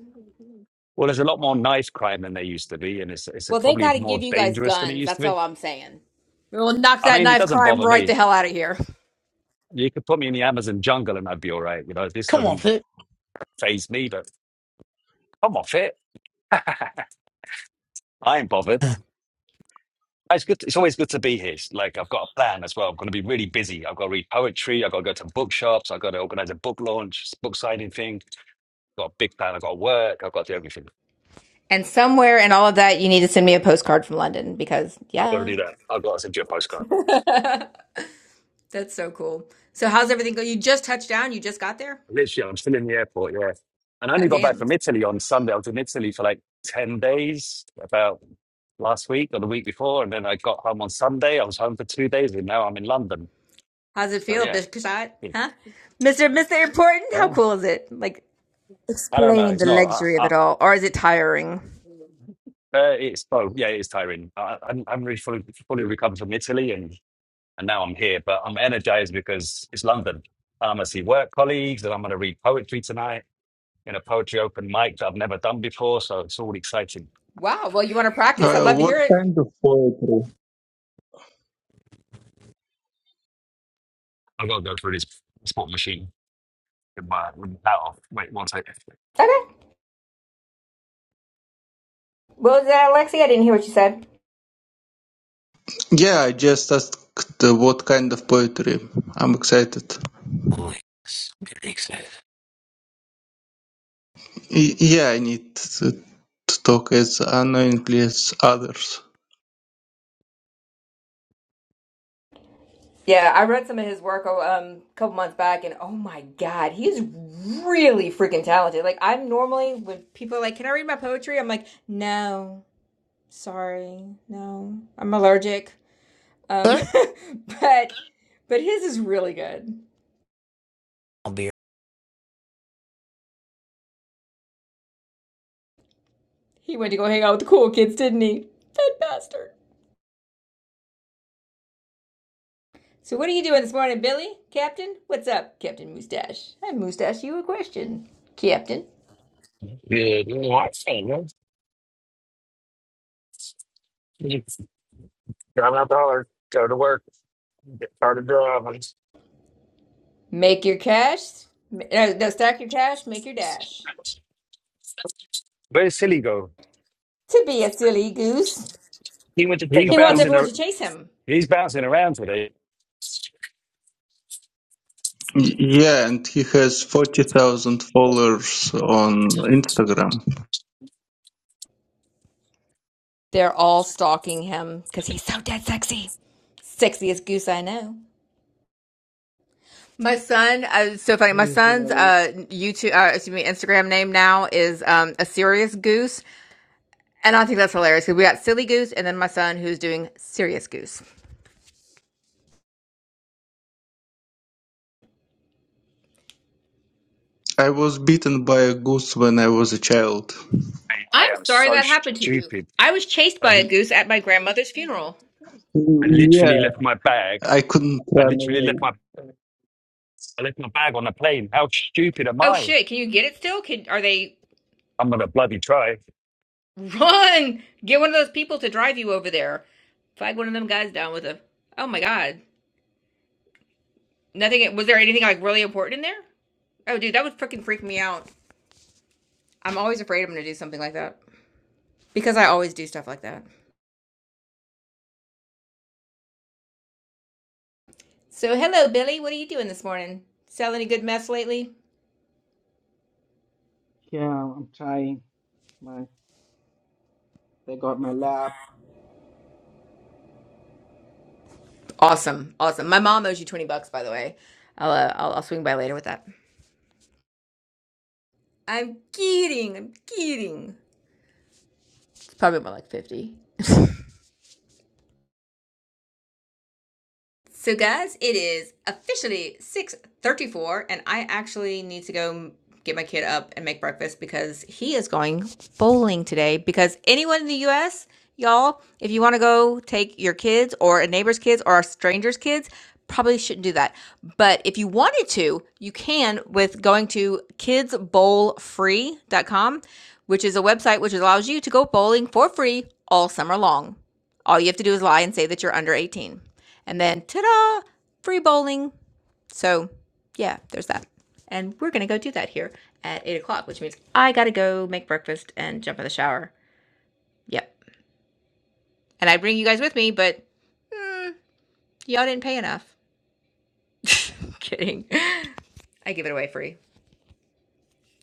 [SPEAKER 14] Well, there's a lot more knife crime than there used to be, and it's it's
[SPEAKER 1] Well, they
[SPEAKER 14] probably
[SPEAKER 1] got to
[SPEAKER 14] more
[SPEAKER 1] give you guys
[SPEAKER 14] dangerous than it
[SPEAKER 1] guns.
[SPEAKER 14] used to
[SPEAKER 1] That's
[SPEAKER 14] be.
[SPEAKER 1] all I'm saying. We will knock
[SPEAKER 14] I
[SPEAKER 1] that
[SPEAKER 14] mean, it
[SPEAKER 1] knife
[SPEAKER 14] doesn't
[SPEAKER 1] crime
[SPEAKER 14] bother
[SPEAKER 1] right
[SPEAKER 14] me.
[SPEAKER 1] the hell out of here.
[SPEAKER 14] You could put me in the Amazon jungle and I'd be all right. You know, this
[SPEAKER 12] Come off
[SPEAKER 14] doesn't
[SPEAKER 12] it.
[SPEAKER 14] faze me, but I'm off it. *laughs* I ain't
[SPEAKER 12] *laughs*
[SPEAKER 14] bothered.
[SPEAKER 12] Boy,
[SPEAKER 14] It's good. It's always good to be here. It's Like I've got a plan as well. I'm going to be really busy. I've got to read poetry. I've got to go to bookshops. I've got to organize a book launch, book signing thing. got a big plan. I've got to work. I've got to do everything.
[SPEAKER 1] And somewhere in all of that, you need to send me a postcard from London because,
[SPEAKER 14] I've got to do
[SPEAKER 1] yeah.
[SPEAKER 14] that. I've got to send you a postcard.
[SPEAKER 1] *laughs* That's so cool. So, how's everything going? You just touched down? You just got there?
[SPEAKER 14] Literally, I'm still in the airport, yeah. And I only
[SPEAKER 1] Oh,
[SPEAKER 14] got back
[SPEAKER 1] damn.
[SPEAKER 14] from Italy on Sunday. I was in Italy for like 10 days, about last week or the week before. And then I got home on Sunday. I was home for two days and now I'm in London.
[SPEAKER 1] How's it
[SPEAKER 14] So,
[SPEAKER 1] feel,
[SPEAKER 14] yeah.
[SPEAKER 1] Bishkashot? Huh? Mr. Mr. Important? How
[SPEAKER 14] Yeah.
[SPEAKER 1] cool is it? Like,
[SPEAKER 14] I don't know.
[SPEAKER 1] Explain
[SPEAKER 14] It's
[SPEAKER 1] the
[SPEAKER 14] not,
[SPEAKER 1] luxury
[SPEAKER 14] I,
[SPEAKER 1] of
[SPEAKER 14] I,
[SPEAKER 1] it all, or is it tiring?
[SPEAKER 14] uh, it's both. Yeah, it is tiring. I, I'm, I'm really fully, fully recovered from Italy and, and now I'm here, but I'm energized because it's London. And I'm going to see work colleagues and I'm going to read poetry tonight in a poetry open mic that I've never done before. So, it's all exciting.
[SPEAKER 1] Wow. Well, you want to practice? I'd
[SPEAKER 11] Uh,
[SPEAKER 1] love to
[SPEAKER 11] what
[SPEAKER 1] hear it.
[SPEAKER 11] kind of poetry?
[SPEAKER 14] I have gotta go through this spot machine with my with my hat off. Wait, one second.
[SPEAKER 1] Okay. What was that, Lexi? I didn't hear what you said.
[SPEAKER 11] Yeah, I just asked uh, what kind of poetry. I'm excited.
[SPEAKER 12] I'm getting excited.
[SPEAKER 11] Y- yeah, I need to, to talk as annoyingly as others.
[SPEAKER 1] Yeah, I read some of his work oh, um, a couple months back, and oh my God, he's really freaking talented. Like, I'm normally, when people are like, Can I read my poetry? I'm like, No, sorry, no, I'm allergic. Um, *laughs*
[SPEAKER 12] Huh?
[SPEAKER 1] but but his is really good.
[SPEAKER 12] I'll be
[SPEAKER 1] He went to go hang out with the cool kids, didn't he? That bastard. So what are you doing this morning, Billy? Captain? What's up, Captain Moustache? I moustache you a question, Captain.
[SPEAKER 15] Good morning. man. You drive my dollar, go to work, get started driving.
[SPEAKER 1] Make your cash. No, no, stack your cash, make your dash.
[SPEAKER 14] Where's Silly go?
[SPEAKER 1] To be a silly goose.
[SPEAKER 15] He went to take
[SPEAKER 14] He
[SPEAKER 15] a
[SPEAKER 1] He wants
[SPEAKER 15] poop.
[SPEAKER 14] bouncing.
[SPEAKER 1] everyone
[SPEAKER 14] ar-
[SPEAKER 1] to chase him.
[SPEAKER 14] He's bouncing around today.
[SPEAKER 11] Y- yeah, and he has forty thousand followers on Instagram.
[SPEAKER 1] They're all stalking him because he's so dead sexy. Sexiest goose I know. My son, uh, it's so funny. My
[SPEAKER 16] Hey
[SPEAKER 1] son's
[SPEAKER 16] Hillary,
[SPEAKER 1] uh, YouTube, uh, excuse me, Instagram name now is um, a serious goose, and I think that's hilarious because we got silly goose, and then my son who's doing serious goose.
[SPEAKER 11] I was bitten by a goose when I was a child.
[SPEAKER 14] Mate, I
[SPEAKER 1] I'm
[SPEAKER 14] am
[SPEAKER 1] sorry
[SPEAKER 14] so
[SPEAKER 1] that happened to you.
[SPEAKER 14] stupid.
[SPEAKER 1] I was chased
[SPEAKER 14] I,
[SPEAKER 1] by a goose at my grandmother's funeral.
[SPEAKER 14] I
[SPEAKER 11] Yeah,
[SPEAKER 14] literally left my bag.
[SPEAKER 11] I couldn't
[SPEAKER 14] I
[SPEAKER 11] run
[SPEAKER 14] literally
[SPEAKER 11] away.
[SPEAKER 14] left my I left my bag on the plane. How stupid am
[SPEAKER 1] Oh
[SPEAKER 14] I?
[SPEAKER 1] shit, can you get it still? Can are they
[SPEAKER 14] I'm gonna bloody try.
[SPEAKER 1] *laughs* run? Get one of those people to drive you over there. Flag one of them guys down with a Oh my god. Nothing was there anything like really important in there? Oh dude, that would freaking freak me out. I'm always afraid I'm gonna do something like that. Because I always do stuff like that. So hello Billy, what are you doing this morning? Sell any good mess lately?
[SPEAKER 16] yeah, I'm trying. My they got my lab,
[SPEAKER 1] Awesome. Awesome. My mom owes you twenty bucks, by the way. I'll uh, I'll, I'll swing by later with that. I'm kidding. I'm kidding. It's probably more like 50. *laughs* So guys, it is officially 6:34 and I actually need to go get my kid up and make breakfast because he is going bowling today because anyone in the US, y'all, if you want to go take your kids or a neighbor's kids or a stranger's kids, probably shouldn't do that. But if you wanted to, you can with going to kidsbowlfree.com, which is a website which allows you to go bowling for free all summer long. All you have to do is lie and say that you're under 18. And then ta da, free bowling. So, yeah, there's that. And we're going to go do that here at 8 o'clock, which means I got to go make breakfast and jump in the shower. Yep. And I bring you guys with me, but mm, y'all didn't pay enough. *laughs* Kidding. I give it away free.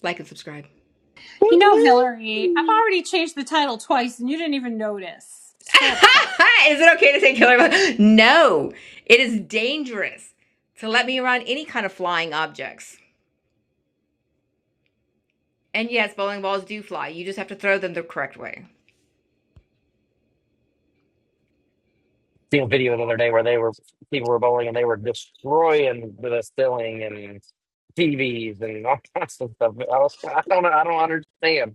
[SPEAKER 1] Like and subscribe. *laughs*
[SPEAKER 5] You know, Hillary, I've
[SPEAKER 15] Woo-woo.
[SPEAKER 5] already changed the title twice and you didn't even notice. So upset.
[SPEAKER 1] is it okay to say killer? No, it is dangerous to let me around any kind of flying objects. And yes, bowling balls do fly. You just have to throw them the correct way.
[SPEAKER 15] Seen a video the other day where they were people were bowling and they were destroying the ceiling and TVs and all *laughs* kinds of stuff. I, was, I don't know. I don't understand.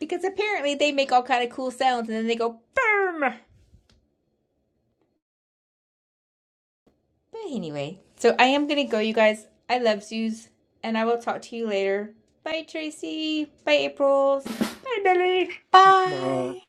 [SPEAKER 1] because apparently they make all kind of cool sounds and then they go boom. But anyway, so I am gonna go, you guys. I love zoos, and I will talk to you later. Bye, Tracy. Bye, Aprils. Bye, Billy.
[SPEAKER 16] but
[SPEAKER 5] Bye!